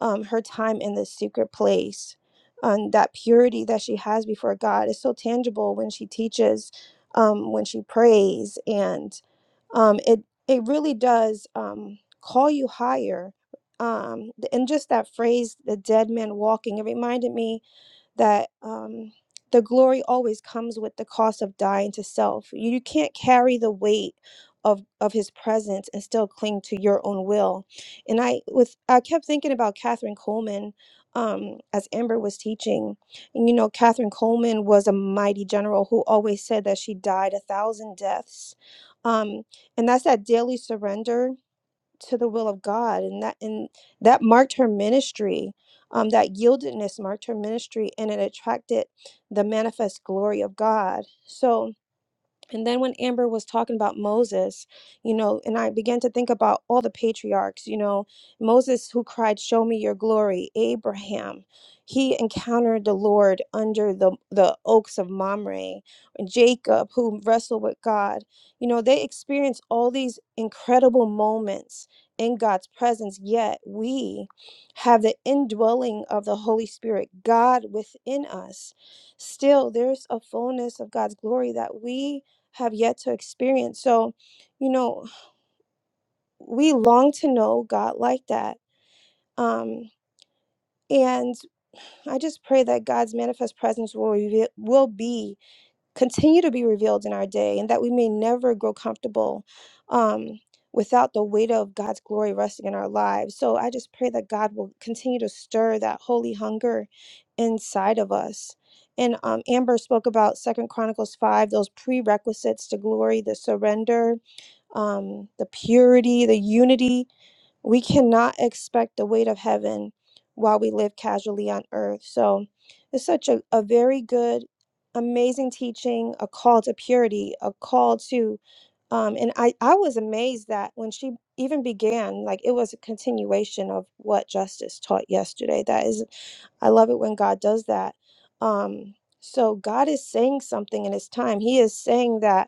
Speaker 8: um, her time in the secret place and that purity that she has before God is so tangible when she teaches, um, when she prays, and um, it it really does um, call you higher. Um, th- and just that phrase, the dead man walking, it reminded me that um, the glory always comes with the cost of dying to self. You, you can't carry the weight of of His presence and still cling to your own will. And I with I kept thinking about Catherine Coleman um, as Amber was teaching. And you know, Catherine Coleman was a mighty general who always said that she died a thousand deaths. Um, and that's that daily surrender to the will of God, and that and that marked her ministry. Um, that yieldedness marked her ministry, and it attracted the manifest glory of God. So and then when Amber was talking about Moses, you know, and I began to think about all the patriarchs, you know, Moses who cried, "Show me your glory." Abraham, he encountered the Lord under the the oaks of Mamre. Jacob, who wrestled with God, you know, they experienced all these incredible moments in God's presence. Yet we have the indwelling of the Holy Spirit, God within us. Still, there's a fullness of God's glory that we have yet to experience. So, you know, we long to know God like that. Um, and I just pray that God's manifest presence will reveal, will be continue to be revealed in our day, and that we may never grow comfortable um, without the weight of God's glory resting in our lives. So I just pray that God will continue to stir that holy hunger inside of us. And um, Amber spoke about Second Chronicles five, those prerequisites to glory, the surrender, um, the purity, the unity. We cannot expect the weight of heaven while we live casually on earth. So it's such a, a very good, amazing teaching, a call to purity, a call to, um, and I, I was amazed that when she even began, like it was a continuation of what Justice taught yesterday. That is I love it when God does that. Um, so God is saying something in His time. He is saying that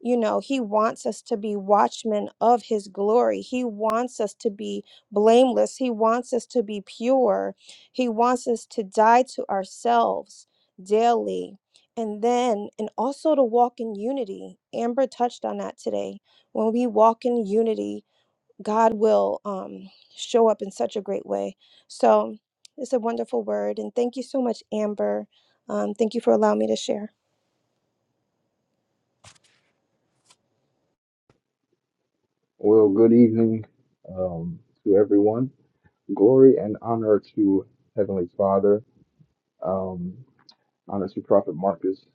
Speaker 8: you know, he wants us to be watchmen of his glory. He wants us to be blameless. He wants us to be pure. He wants us to die to ourselves daily. And then, and also to walk in unity. Amber touched on that today. When we walk in unity, God will um, show up in such a great way. So it's a wonderful word. And thank you so much, Amber. Um, thank you for allowing me to share.
Speaker 9: Well, good evening um, to everyone. Glory and honor to Heavenly Father. Um, honor to Prophet Marcus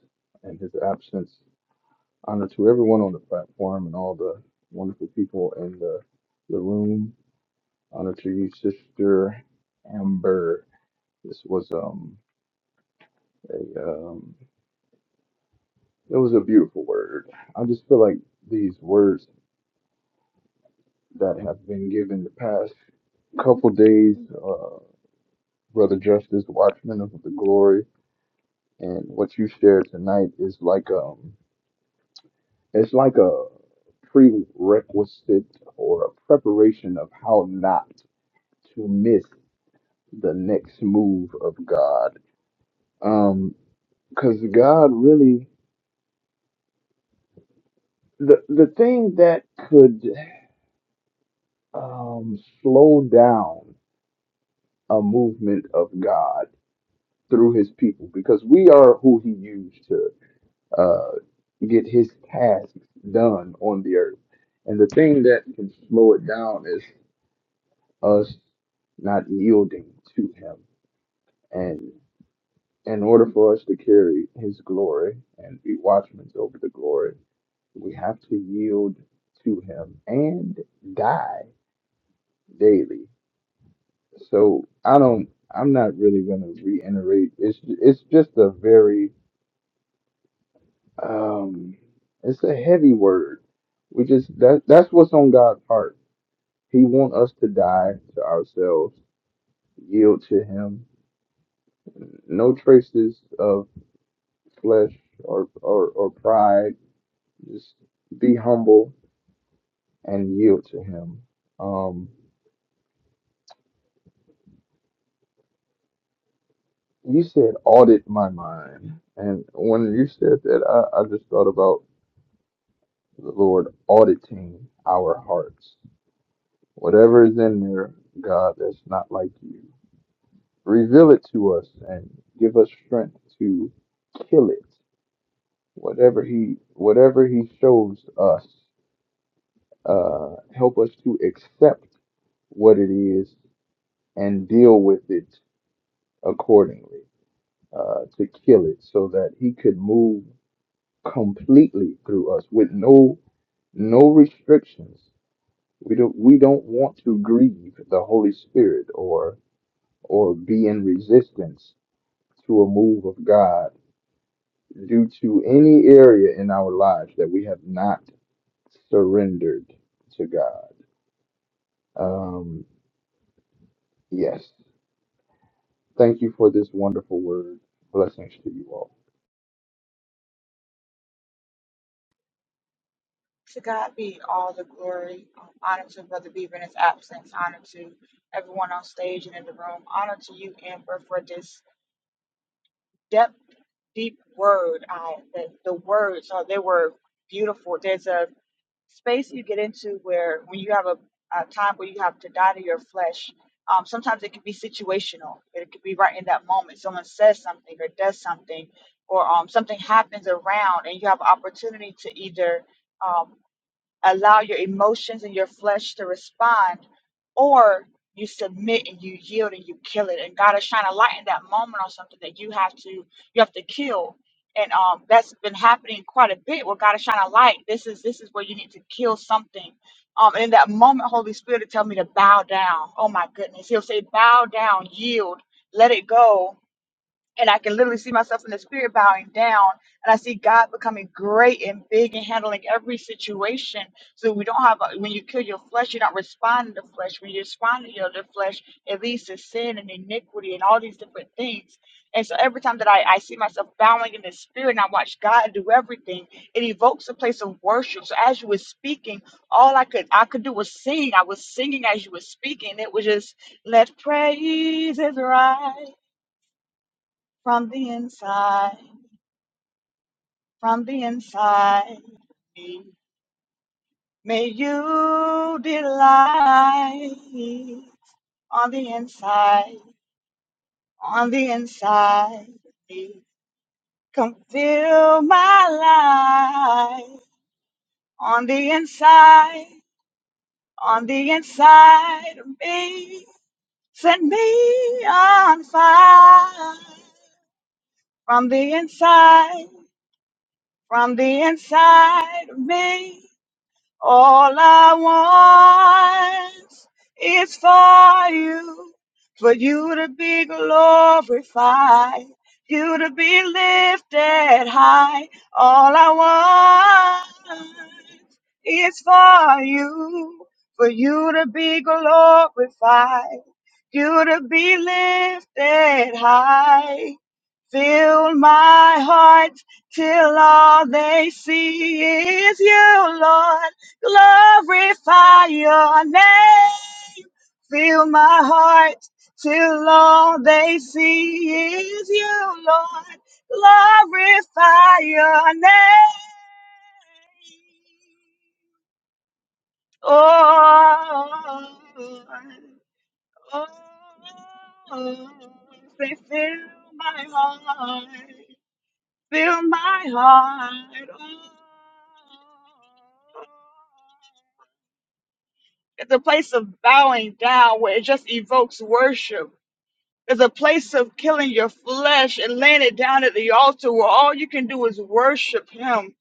Speaker 9: and his absence. Honor to everyone on the platform and all the wonderful people in the, the room. Honor to you, Sister Amber. This was um a um it was a beautiful word. I just feel like these words that have been given the past couple days. Uh, Brother Justice, Watchman of the Glory, and what you shared tonight is like um, it's like a prerequisite or a preparation of how not to miss the next move of God. Um, because God really the the thing that could um slow down a movement of God through His people, because we are who He used to. uh, get his tasks done on the earth. And the thing that can slow it down is us not yielding to him. And in order for us to carry his glory and be watchmen over the glory, we have to yield to him and die daily. So I don't I'm not really gonna reiterate it's it's just a very Um, it's a heavy word. We just that that's what's on God's heart. He want us to die to ourselves, yield to Him. No traces of flesh or or, or pride. Just be humble and yield to Him. Um, you said audit my mind, and when you said that, I, I just thought about the Lord auditing our hearts. Whatever is in there, God, that's not like you Reveal it to us and give us strength to kill it. Whatever he whatever he shows us, uh, help us to accept what it is and deal with it accordingly. Uh, to kill it so that he could move completely through us with no no restrictions. We don't we don't want to grieve the Holy Spirit or or be in resistance to a move of God due to any area in our lives that we have not surrendered to God. Um, yes. Thank you for this wonderful word. Blessings to you all.
Speaker 10: To God be all the glory. Um, honor to Brother Beaver in his absence. Honor to everyone on stage and in the room. Honor to you, Amber, for this depth, deep word. I the, the words, uh, they were beautiful. There's a space you get into where when you have a, a time where you have to die to your flesh, um, sometimes it can be situational. It could be right in that moment. Someone says something or does something, or um, something happens around, and you have opportunity to either. um, allow your emotions and your flesh to respond, or you submit and you yield and you kill it. And God is shining a light in that moment on something that you have to you have to kill. And um, that's been happening quite a bit. Where God is shining a light. This is this is where you need to kill something. Um, and in that moment, Holy Spirit will tell me to bow down. Oh my goodness, He'll say, bow down, yield, let it go and I can literally see myself in the spirit bowing down, and I see God becoming great and big and handling every situation. So we don't have a, when you kill your flesh, you're not responding to flesh. When you respond to your the flesh, it leads to sin and iniquity and all these different things. And so every time that I, I see myself bowing in the spirit and I watch God do everything, it evokes a place of worship. So as you were speaking, all I could I could do was sing. I was singing as you were speaking. It was just let praises rise from the inside, from the inside. May you delight on the inside, on the inside. Come fill my life on the inside, on the inside of me. Set me on fire from the inside, from the inside of me. All I want is for you, for you to be glorified, you to be lifted high. All I want is for you, for you to be glorified, you to be lifted high. Fill my heart till all they see is you, Lord. Glorify your name. Fill my heart till all they see is you, Lord. Glorify your name. Oh, oh, oh. They fill my heart. Fill my heart. Oh. It's a place of bowing down where it just evokes worship. There's a place of killing your flesh and laying it down at the altar where all you can do is worship Him.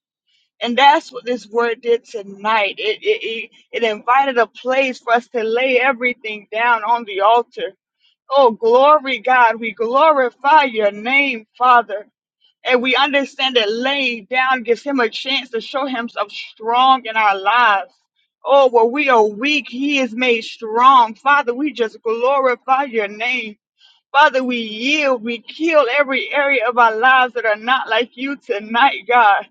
Speaker 10: And that's what this word did tonight. It, it, it, it invited a place for us to lay everything down on the altar. Oh, glory, God. We glorify your name, Father. And we understand that laying down gives him a chance to show himself strong in our lives. Oh, where we are weak, he is made strong. Father, we just glorify your name. Father, we yield, we kill every area of our lives that are not like you tonight, God.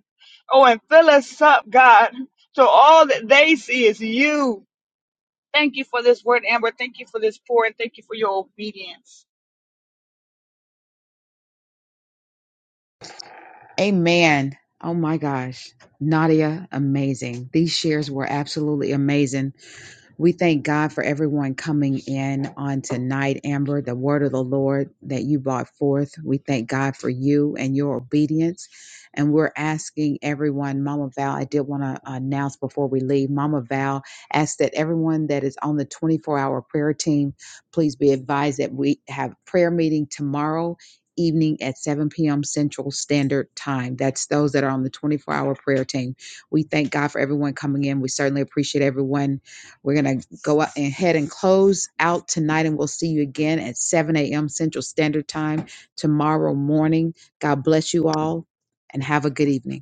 Speaker 10: Oh, and fill us up, God, so all that they see is you. Thank you for this word, Amber. Thank you for this pour, and thank you for your obedience.
Speaker 1: Amen. Oh my gosh. Nadia, amazing. These shares were absolutely amazing. We thank God for everyone coming in on tonight, Amber, the word of the Lord that you brought forth. We thank God for you and your obedience. And we're asking everyone, Mama Val, I did want to announce before we leave, Mama Val asked that everyone that is on the 24 hour prayer team, please be advised that we have prayer meeting tomorrow evening at 7 p.m. Central Standard Time. That's those that are on the 24 hour prayer team. We thank God for everyone coming in. We certainly appreciate everyone we're going to go out and head and close out tonight, and we'll see you again at 7 a.m. Central Standard Time tomorrow morning. God bless you all and have a good evening.